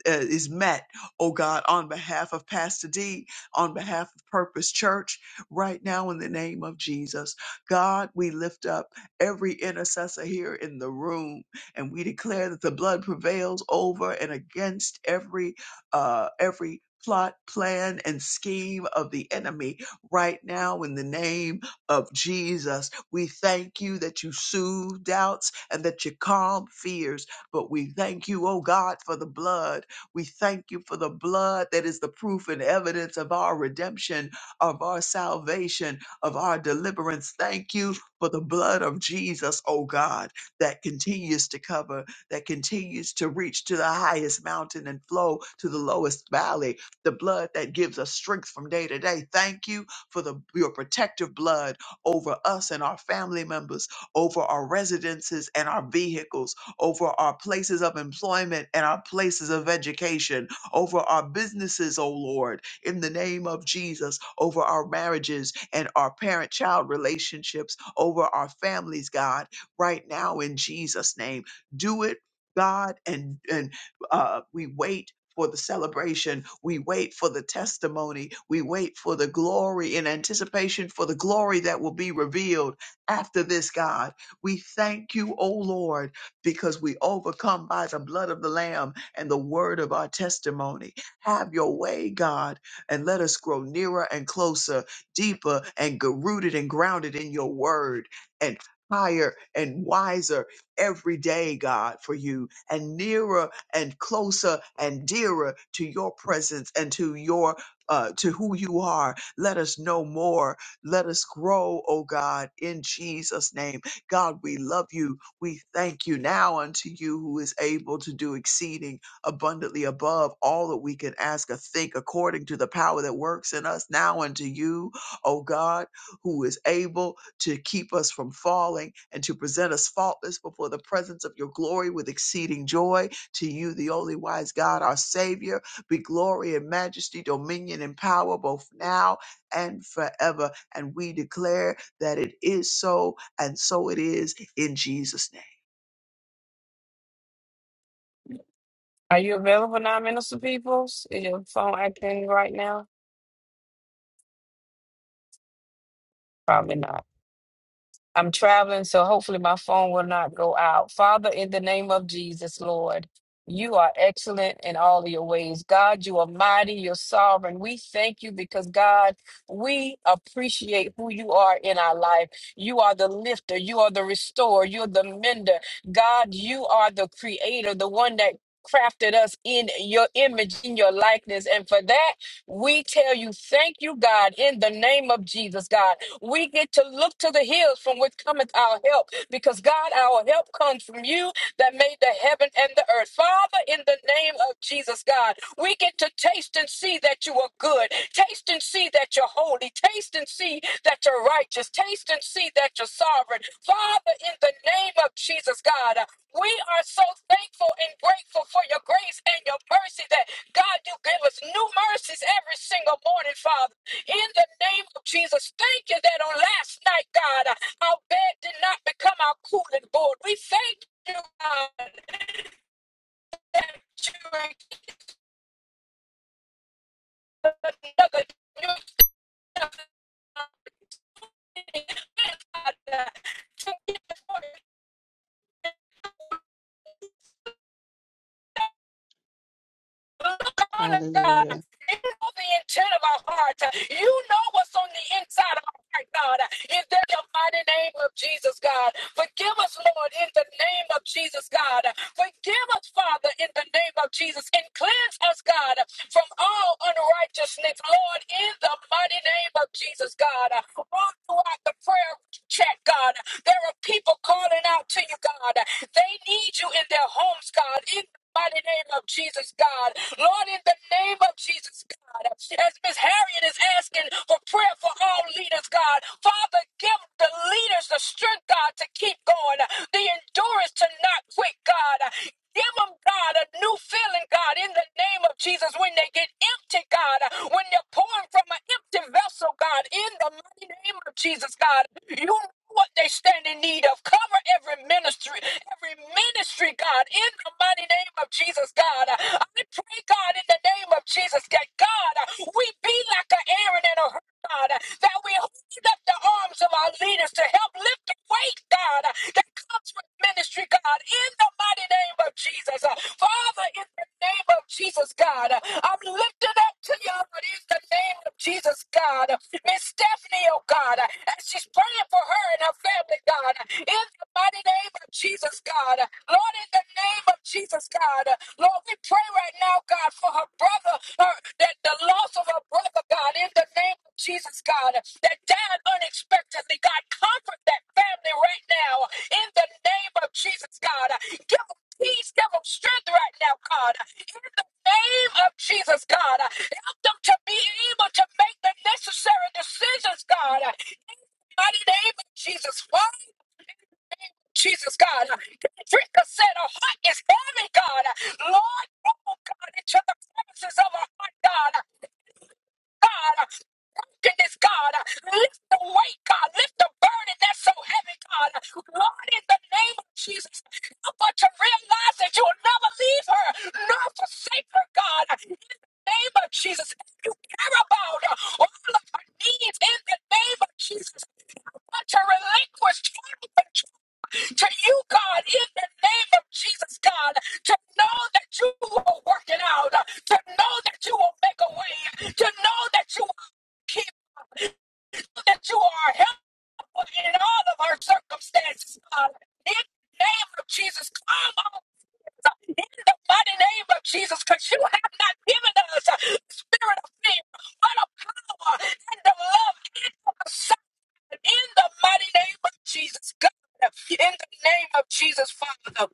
S7: uh, is met, oh God, on behalf of Pastor D, on behalf of Purpose Church, right now in the name of Jesus. God, we lift up every intercessor here in the room and we declare that the blood prevails over and against every uh every plot plan and scheme of the enemy right now in the name of jesus we thank you that you soothe doubts and that you calm fears. But we thank you, oh God, for the blood. We thank you for the blood that is the proof and evidence of our redemption, of our salvation, of our deliverance. Thank you for the blood of Jesus, oh God, that continues to cover, that continues to reach to the highest mountain and flow to the lowest valley. The blood that gives us strength from day to day. Thank you for the your protective blood over us and our family members, over our residences and our vehicles, over our places of employment and our places of education, over our businesses, O Lord, in the name of Jesus, over our marriages and our parent child relationships, over our families, God, right now in Jesus' name. Do it. God and and uh, we wait for the celebration. We wait for the testimony. We wait for the glory in anticipation for the glory that will be revealed after this, God. We thank you, O Lord, because we overcome by the blood of the Lamb and the word of our testimony. Have your way, God, and let us grow nearer and closer, deeper and g- rooted and grounded in your word and higher and wiser every day, God, for you, and nearer and closer and dearer to your presence and to your uh, to who you are. Let us know more. Let us grow, oh God, in Jesus' name. God, we love you. We thank you now unto you who is able to do exceeding abundantly above all that we can ask or think according to the power that works in us. Now unto you, oh God who is able to keep us from falling and to present us faultless before the presence of your glory with exceeding joy. To you, the only wise God, our Savior, be glory and majesty, dominion and power both now and forever. And we declare that it is so, and so it is in Jesus' name.
S2: Are you available now, Minister Peoples? Is your phone acting right now? Probably not. I'm traveling, so hopefully my phone will not go out. Father, in the name of Jesus, Lord, you are excellent in all of your ways. God, you are mighty, you're sovereign. We thank you because, God, we appreciate who you are in our life. You are the lifter, you are the restorer, you're the mender. God, you are the creator, the one that crafted us in your image, in your likeness. And for that, we tell you, thank you, God, in the name of Jesus, God. We get to look to the hills from which cometh our help, because God, our help comes from you that made the heaven and the earth. Father, in the name of Jesus, God, we get to taste and see that you are good. Taste and see that you're holy. Taste and see that you're righteous. Taste and see that you're sovereign. Father, in the name of Jesus, God, we are so thankful and grateful for your grace and your mercy that, God, you give us new mercies every single morning, Father in the name of Jesus. Thank you that on last night, God, uh, our bed did not become our cooling board. We thank you, God, that you gave us another new chance, God, uh, to get us God. You know
S1: Hallelujah.
S2: the intent of our heart. You know what's on the inside of our heart, God. In the mighty name of Jesus, God. Forgive us, Lord, in the name of Jesus, God. Forgive us, Father, in the name of Jesus. And cleanse us, God, from all unrighteousness, Lord, in the mighty name of Jesus, God. All throughout the prayer chat, God, there are people calling out to you, God. They need you in their homes, God. In mighty name of Jesus, God. Lord, in the name of Jesus, God, as Miss Harriet is asking for prayer for all leaders, God, Father, give the leaders the strength, God, to keep going, the endurance to not quit, God. Give them, God, a new feeling, God, in the name of Jesus, when they get empty, God, when they're pouring from an empty vessel, God, in the mighty name of Jesus, God. You know what they stand in need of. Cover every ministry, every ministry, God, in the mighty name of Jesus, God. I pray, God, in the name of Jesus, that God, we be like an Aaron and a Hur, God, that we hold up the arms of our leaders to help lift the weight, God, that comes with ministry, God, in the mighty name of Jesus. Father, in the name of Jesus, God, I'm lifting up to you, but in the name of Jesus, God. Miss Stephanie, oh God, as she's praying for her and her family, God, in the mighty name of Jesus, God, Lord, in the name of Jesus, God, Lord, we pray right now, God, for her brother, her, that the loss of her brother, God, in the name of Jesus, God, that died unexpectedly, God, comfort that family right now, in the name of Jesus, God, give them peace, give them strength right now, God, in the name of Jesus, God them to be able to make the necessary decisions, God. in the name of Jesus, Father, Jesus, God. Drink us said a heart is heavy, God. Lord, oh God, into the promises of a heart, God. God, goodness, God, lift the weight, God, lift the burden that's so heavy, God. Lord, in the name of Jesus, help her to realize that you will never leave her nor forsake her, God. name of Jesus. If you care about her, all of her needs in the name of Jesus, I want to relinquish everything to you, God, in the name of Jesus, God, to know that you will work it out, to know that you will make a way, to know that you will keep, that you are helpful in all of our circumstances, God. In the name of Jesus, come on. In the mighty name of Jesus, because you have not given us a spirit of fear, but of power and of love outside. In the mighty name of Jesus, God. In the name of Jesus, Father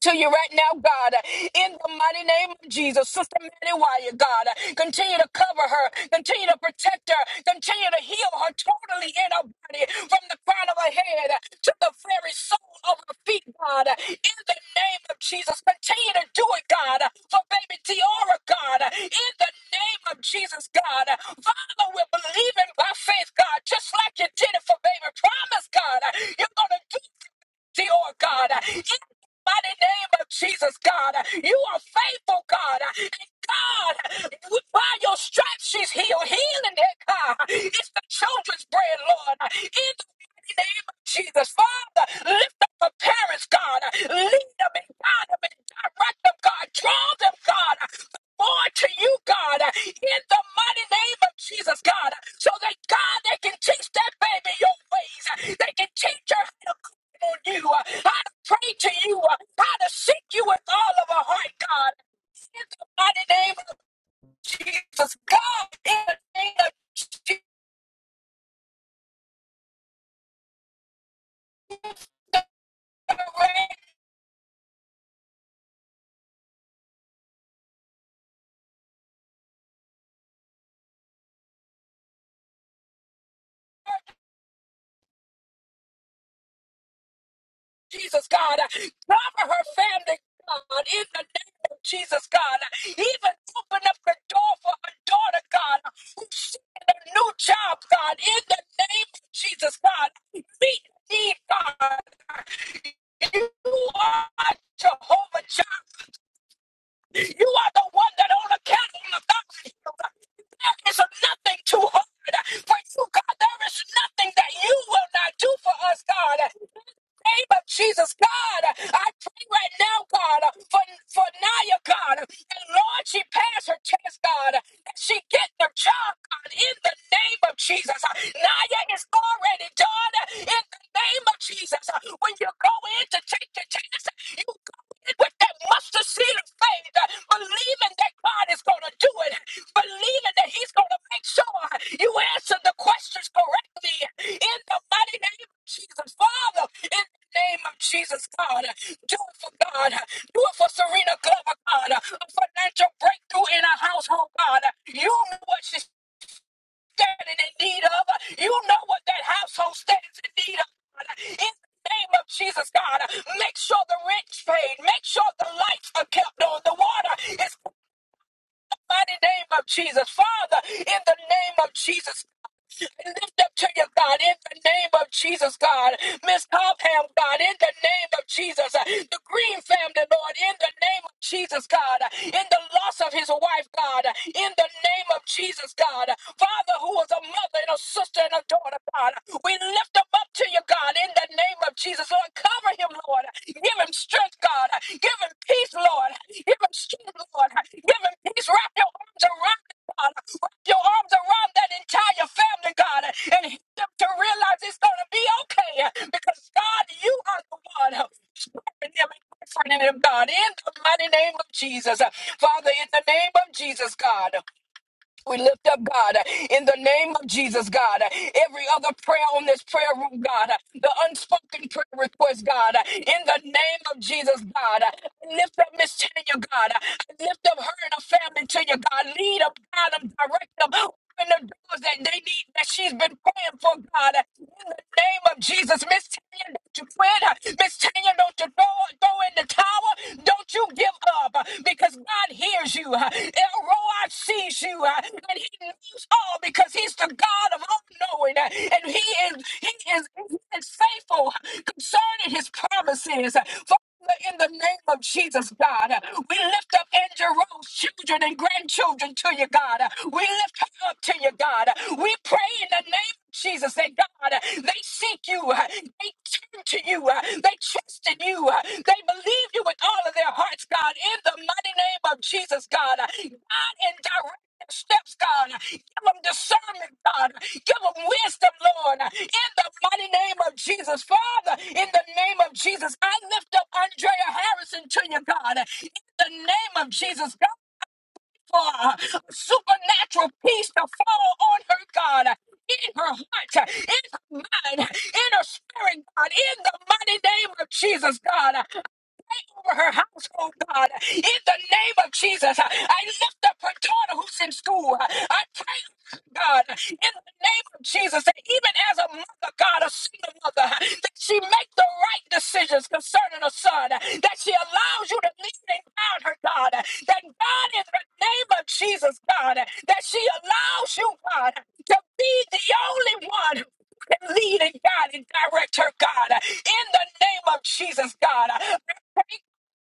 S2: to you right now, God, in the mighty name of Jesus. Sister Mary Wire, God, continue to cover her, continue to protect her, continue to heal her totally in her body, from the crown of her head to the very sole of her feet, God, in the name of Jesus. Continue to do it, God, for baby Tiara, God, in the name of Jesus, God. Father, we're believing by faith, God, just like you did it for baby. Promise, God, you're going to do Lord God. By the name of Jesus, God, you are faithful, God. And God, by your stripes, she's healed. Healing that God. It's the children's bread, Lord. In the mighty name of Jesus, Father, lift up the parents, God. Lead them and guide them and direct them, God. Draw them, God. Born to you, God, in the mighty name of Jesus, God, so that God, they can teach that baby your ways. They can teach her on you, uh, how to pray to you, uh, how to seek you with all of our heart, God. In the mighty name of Jesus, God, in the name of Jesus, God, uh, cover her family, God, in the name of Jesus, God. uh, Even open up the door for her daughter, God, uh, who's seeking a new job, God, in the name of Jesus, God. Meet me, God. You are Jehovah. You are the one that on account of authority. There is nothing too hard for you, God. There is nothing that you will not do for us, God name of Jesus, God, I pray right now, God, for, for Naya, God, and Lord, she passed her test, God, and she get the job, God, in the name of Jesus. Naya is already done in the name of Jesus. When you go in to take the test, you go in with that mustard seed of faith, believing that God is going to do it, believing that He's going to make sure you answer the questions correctly in the mighty name of Jesus. Father, in name of Jesus, God. Do it for God. Do it for Serena Glover, God. A financial breakthrough in a household, God. You know what she's standing in need of. You know what that household stands in need of, God. In the name of Jesus, God, make sure the rich paid. Make sure the lights are kept on. The water is in the mighty name of Jesus. Father, in the name of Jesus, lift up to you, God, in the name of Jesus, God. Miss Topham, God, in the name of Jesus. Uh, The Green family, Lord, in the name of Jesus, God. Uh, In the loss of his wife, God. Uh, In the name of Jesus, God. Uh, Father, who was a mother and a sister and a daughter, God. Uh, We lift him up to you, God, in the name of Jesus. Lord, cover him, Lord. Uh, Give him strength, God. Uh, Give him peace, Lord. Uh, Give him strength, Lord. Uh, Give him peace. Wrap your arms around him. God your arms around that entire family, God, and help them to realize it's going to be okay because, God, you are the one strengthening them and comforting them, God, in the mighty name of Jesus. Father, in the name of Jesus, God. We lift up, God, in the name of Jesus, God, every other prayer on this prayer room, God, the unspoken prayer request, God, in the name of Jesus, God. I lift up Miss Tanya, God. I lift up her and her family to you, God. Lead them, guide them, direct them. Open the doors that they need, that she's been praying for, God name of Jesus. Miss Tanya, don't you quit. Miss Tanya, don't you throw, throw in the towel. Don't you give up uh, because God hears you. Uh, El Roi sees you. uh, And he knows all because he's the God of all knowing. uh, And he is, he is, he is faithful concerning his promises. Uh, Father, in the name of Jesus, God, uh, we lift up Andrew Rose's children and grandchildren to you, God. Uh, We lift her up to you, God. Uh, We pray in the name Jesus, that God, uh, they seek you, uh, they turn to you, uh, they trust in you, uh, they believe you with all of their hearts, God, in the mighty name of Jesus, God. Uh, God, in direct their steps, God. Uh, Give them discernment, God. Uh, Give them wisdom, Lord, uh, in the mighty name of Jesus. Father, in the name of Jesus, I lift up Andrea Harrison to you, God. Uh, In the name of Jesus, for supernatural peace to fall on her, God, in her heart, in her mind, in her spirit, God, in the mighty name of Jesus, God over her household, God. In the name of Jesus, I lift up her daughter who's in school. I pray, God, in the name of Jesus, that even as a mother, God, a single mother, that she make the right decisions concerning her son, that she allows you to lead and guide her, God, that God, in the name of Jesus, God, that she allows you, God, to be the only one who can lead and guide and direct her, God, in the name of Jesus, God.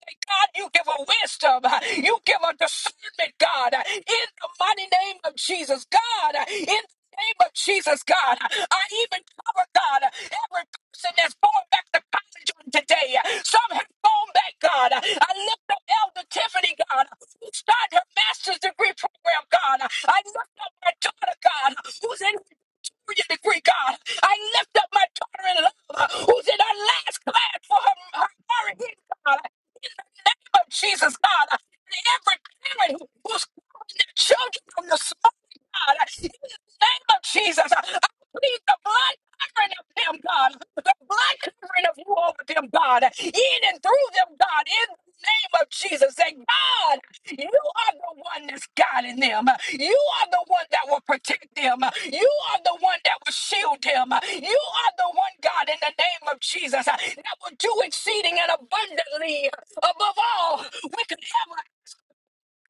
S2: God, you give her wisdom. You give her discernment, God, in the mighty name of Jesus. God, in the name of Jesus, God, I even cover, God, every person that's going back to college on today. Some have gone back, God. I lift up Elder Tiffany, God, who started her master's degree program, God. I lift up my daughter, God, who's in her junior degree, God. I lift up my daughter in love, who's in her last class for her, her marriage, God name of Jesus, God, and every parent who- who's calling their children from the smoke, God, in the name of Jesus, I plead the blood covering of them, God, the blood covering of you over them, God, in and through them, God, in the name of Jesus, that God, you are the one that's guiding them. You are the one that will protect them. You are the one that will shield them. You are the one, God, in the name of Jesus, that will do exceeding and abundantly. Above all, we could ever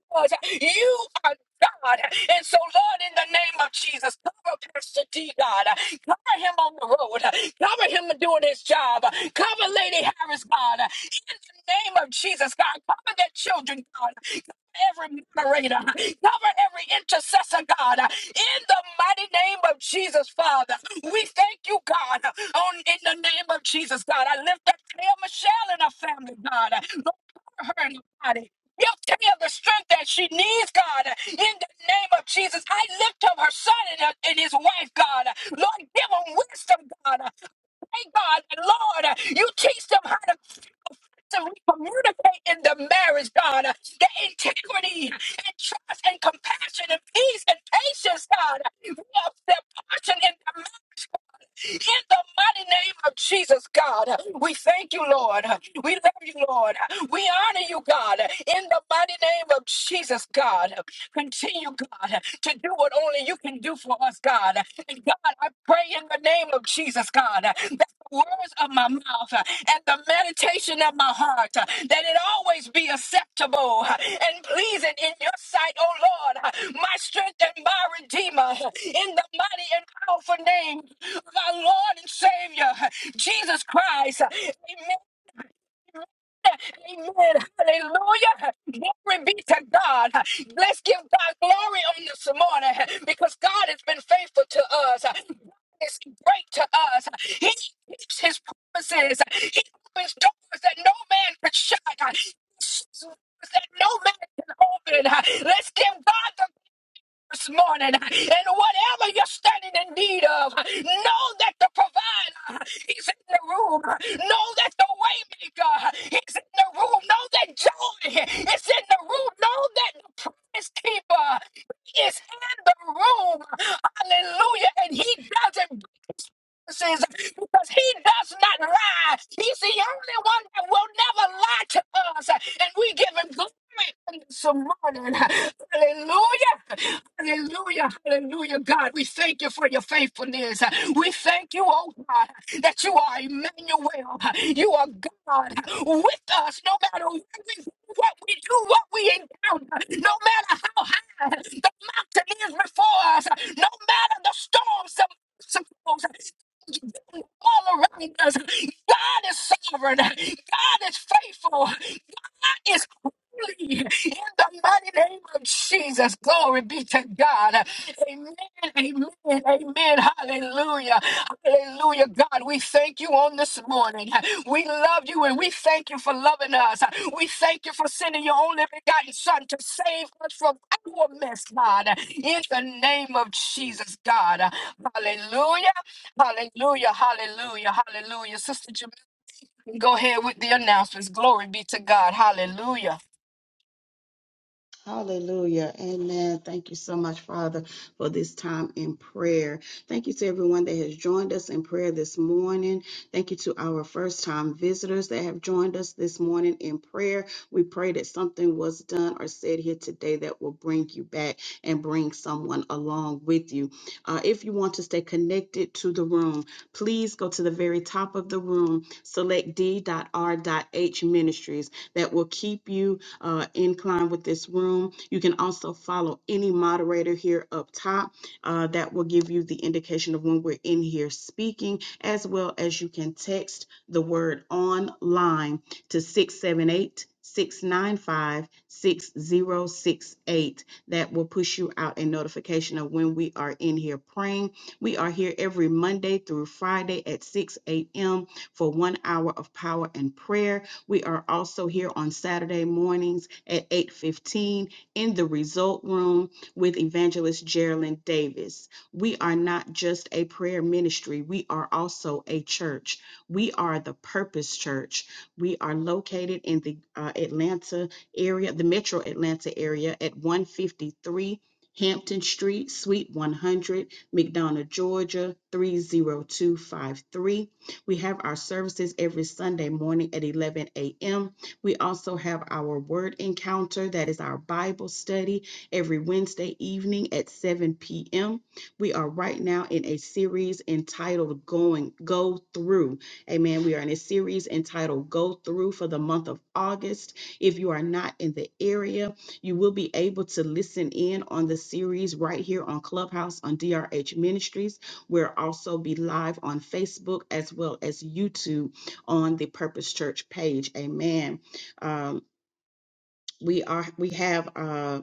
S2: because you are God. And so, Lord, in the name of Jesus, cover Pastor D, God. Cover him on the road. Cover him doing his job. Cover Lady Harris, God. In the name of Jesus, God. Cover their children, God. Cover Every moderator, cover every intercessor, God, in the mighty name of Jesus, Father. We thank you, God, on in the name of Jesus, God. I lift up Claire Michelle and her family, God. Lord, cover her in the body. You give of the strength that she needs, God, in the name of Jesus. I lift up her son and, her- and his wife, God. Lord, give them wisdom, God. Hey, God, and Lord, you teach them how to, to communicate in the marriage, God. The integrity and trust and compassion and peace and patience, God. We are their portion in the marriage in the mighty name of Jesus, God, we thank you, Lord. We love you, Lord. We honor you, God. In the mighty name of Jesus, God, continue, God, to do what only you can do for us, God. And God, I pray in the name of Jesus, God, that the words of my mouth and the meditation of my heart, that it always be acceptable and pleasing in your sight, oh Lord, my strength and my redeemer. In the mighty and powerful name our Lord and Savior, Jesus Christ. Amen. Amen. Hallelujah. Glory be to God. Let's give God glory on this morning because God has been faithful to us. God is great to us. He keeps his promises. He opens doors that no man could shut. He shuts doors That no man can open. Let's give God the this morning. And whatever you're standing in need of, know that the provider, he's in the room. Know that the waymaker, he's in the room. Know that joy is in the room. Know that the promise keeper is in the room. Hallelujah. And he doesn't promises because he does not lie. He's the only one that will never lie to us. And we give him glory on this morning. Hallelujah. Hallelujah. Hallelujah. God, we thank you for your faithfulness. We thank you, oh God, that you are Emmanuel. You are God with us no matter what we, what we do, what we encounter, no matter how high the mountain is before us, no matter the storms, the obstacles all around us. God is sovereign. God is faithful is free in the mighty name of Jesus. Glory be to God. Amen. Amen. Amen. Hallelujah. Hallelujah. God, we thank you on this morning. We love you and we thank you for loving us. We thank you for sending your only begotten Son to save us from our mess, God. In the name of Jesus, God. Hallelujah. Hallelujah. Hallelujah. Hallelujah. Sister Go ahead with the announcements. Glory be to God. Hallelujah.
S1: Hallelujah. Amen. Thank you so much, Father, for this time in prayer. Thank you to everyone that has joined us in prayer this morning. Thank you to our first time visitors that have joined us this morning in prayer. We pray that something was done or said here today that will bring you back and bring someone along with you. Uh, if you want to stay connected to the room, please go to the very top of the room, select d.r.h ministries. That will keep you uh, incline with this room. You can also follow any moderator here up top. Uh, that will give you the indication of when we're in here speaking, as well as you can text the word online to 678 695 6068. That will push you out a notification of when we are in here praying. We are here every Monday through Friday at 6 a.m. for one hour of power and prayer. We are also here on Saturday mornings at 8:15 in the Result Room with Evangelist Geraldine Davis. We are not just a prayer ministry, we are also a church. We are the Purpose Church. We are located in the uh, Atlanta area, the Metro Atlanta area at 153 Hampton Street, Suite 100, McDonough, Georgia 30253. We have our services every Sunday morning at 11 a.m. We also have our word encounter, that is our Bible study, every Wednesday evening at 7 p.m. We are right now in a series entitled Going Go Through. Amen. We are in a series entitled Go Through for the month of August. If you are not in the area, you will be able to listen in on the series right here on Clubhouse on DRH Ministries. We'll also be live on Facebook as well as YouTube on the Purpose Church page. Amen. Um, we are we have um,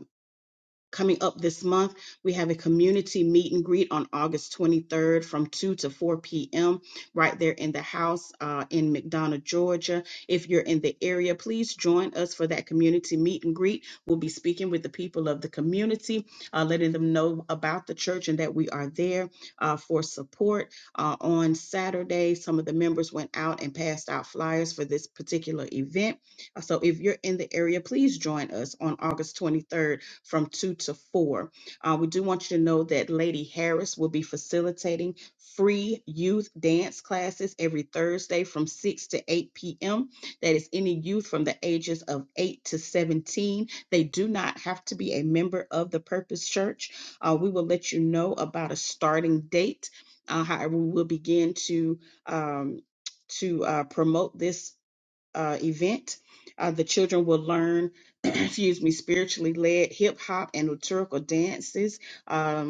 S1: Coming up this month, we have a community meet and greet on August 23rd from 2 to 4 p.m. right there in the house uh, in McDonough, Georgia. If you're in the area, please join us for that community meet and greet. We'll be speaking with the people of the community, uh, letting them know about the church and that we are there uh, for support. Uh, on Saturday, some of the members went out and passed out flyers for this particular event. Uh, So if you're in the area, please join us on August 23rd from 2 to 4. Uh, we do want you to know that Lady Harris will be facilitating free youth dance classes every Thursday from 6 to 8 p.m. That is any youth from the ages of 8 to 17. They do not have to be a member of the Purpose Church. Uh, we will let you know about a starting date. Uh, however, we will begin to um, to uh, promote this uh, event. Uh, the children will learn, excuse me, spiritually led hip hop and liturgical dances. um,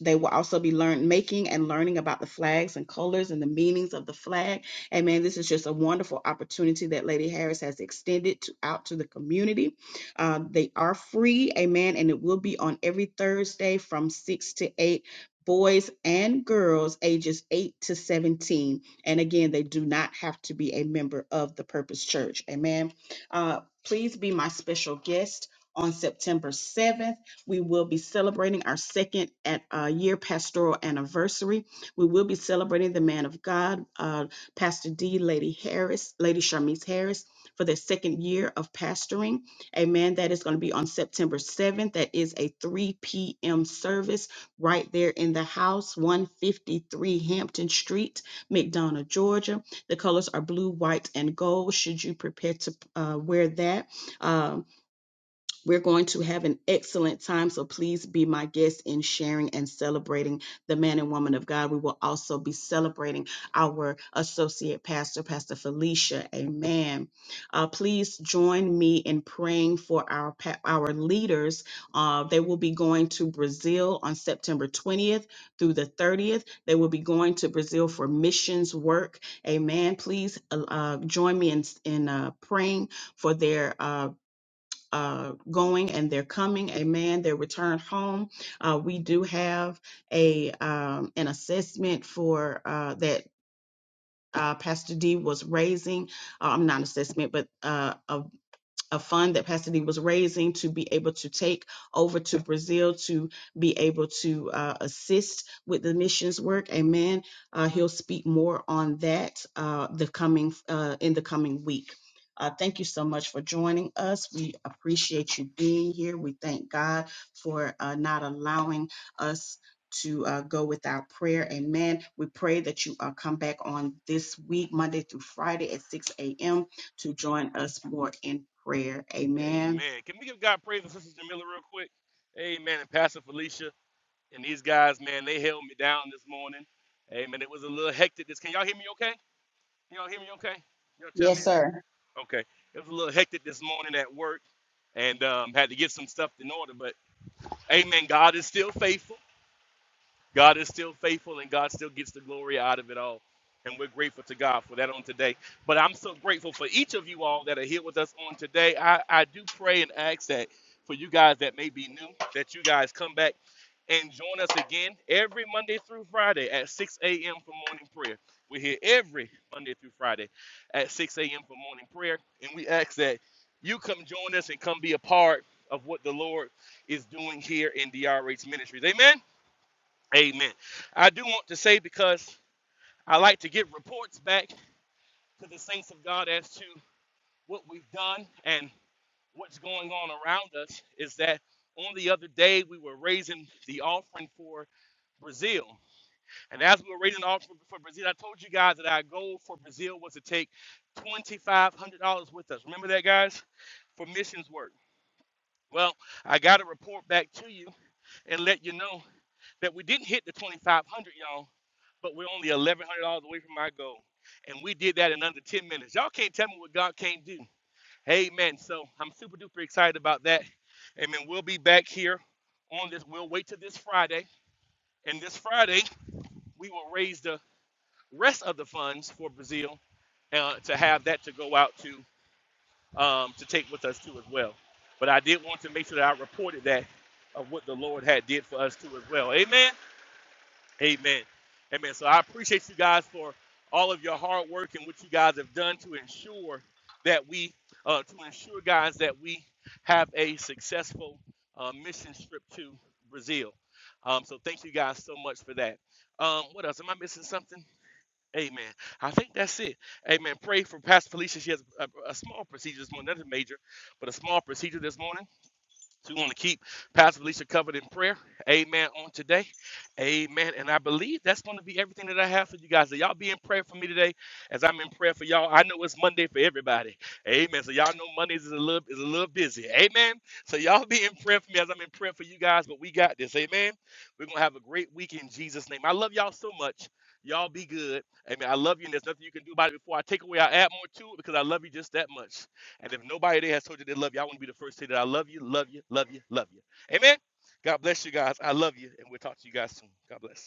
S1: they will also be learn making and learning about the flags and colors and the meanings of the flag. And man, this is just a wonderful opportunity that Lady Harris has extended to, out to the community. Uh, they are free, amen, and it will be on every Thursday from six to eight. Boys and girls ages 8 to 17. And again, they do not have to be a member of the Purpose Church. Amen. Uh, please be my special guest on September 7th. We will be celebrating our second at, uh, year pastoral anniversary. We will be celebrating the man of God, uh, Pastor D, Lady Harris, Lady Sharmise Harris, for their second year of pastoring. Amen. That is going to be on September 7th. That is a 3 p.m. service right there in the house, 153 Hampton Street, McDonough, Georgia. The colors are blue, white, and gold. Should you prepare to uh, wear that? Um, we're going to have an excellent time, so please be my guest in sharing and celebrating the man and woman of God. We will also be celebrating our associate pastor, Pastor Felicia. Amen. Uh, please join me in praying for our pa- our leaders. Uh, they will be going to Brazil on September 20th through the 30th. They will be going to Brazil for missions work. Amen. Please uh, uh, join me in in uh, praying for their. uh, uh, going and they're coming. Amen. Their return home. Uh, we do have a um, an assessment for uh, that. Uh, Pastor D was raising, uh, I'm not an assessment, but uh, a a fund that Pastor D was raising to be able to take over to Brazil to be able to uh, assist with the missions work. Amen. Uh, he'll speak more on that uh, the coming uh, in the coming week. Uh, thank you so much for joining us. We appreciate you being here. We thank God for uh, not allowing us to uh, go without prayer. Amen. We pray that you uh, come back on this week, Monday through Friday at 6 a.m to join us more in prayer. Amen.
S4: Amen. Can we give God praise and Sister Jamila real quick? Amen. And Pastor Felicia and these guys, man, they held me down this morning. Amen. It was a little hectic. This can y'all hear me okay? Can y'all hear me okay? Y'all tell me.
S1: Yes,
S4: if-
S1: sir.
S4: Okay. It was a little hectic this morning at work, and um, had to get some stuff in order. But Amen. God is still faithful. God is still faithful and God still gets the glory out of it all. And we're grateful to God for that on today. But I'm so grateful for each of you all that are here with us on today. I, I do pray and ask that for you guys that may be new, that you guys come back and join us again every Monday through Friday at 6 a.m. for morning prayer. We're here every Monday through Friday at 6 a.m. for morning prayer. And we ask that you come join us and come be a part of what the Lord is doing here in DRH Ministries. Amen. Amen. I do want to say because I like to give reports back to the saints of God as to what we've done and what's going on around us is that on the other day we were raising the offering for Brazil. And as we were raising the offering for Brazil, I told you guys that our goal for Brazil was to take $2,500 with us. Remember that, guys? For missions work. Well, I got to report back to you and let you know that we didn't hit the 2,500, y'all but we're only eleven hundred dollars away from our goal. And we did that in under ten minutes. Y'all can't tell me what God can't do. Amen. So I'm super duper excited about that. Amen. We'll be back here on this. We'll wait till this Friday. And this Friday, we will raise the rest of the funds for Brazil uh, to have that to go out to um, to take with us too as well. But I did want to make sure that I reported that of what the Lord had did for us too as well. Amen. Amen. Amen. So I appreciate you guys for all of your hard work and what you guys have done to ensure that we, uh, to ensure guys that we have a successful uh, mission trip to Brazil. Um, so thank you guys so much for that. Um, what else? Am I missing something? Amen. I think that's it. Amen. Pray for Pastor Felicia. She has a, a small procedure this morning, nothing major, but a small procedure this morning. So we want to keep Pastor Felicia covered in prayer. Amen. On today. Amen. And I believe that's going to be everything that I have for you guys. So y'all be in prayer for me today as I'm in prayer for y'all. I know it's Monday for everybody. Amen. So y'all know Mondays is a little is a little busy. Amen. So y'all be in prayer for me as I'm in prayer for you guys. But we got this. Amen. We're gonna have a great week in Jesus' name. I love y'all so much. Y'all be good. Amen. I love you, and there's nothing you can do about it before I take away. I add more to it because I love you just that much. And if nobody there has told you they love you, I want to be the first to say that I love you, love you, love you, love you. Amen. God bless you guys. I love you. And we'll talk to you guys soon. God bless.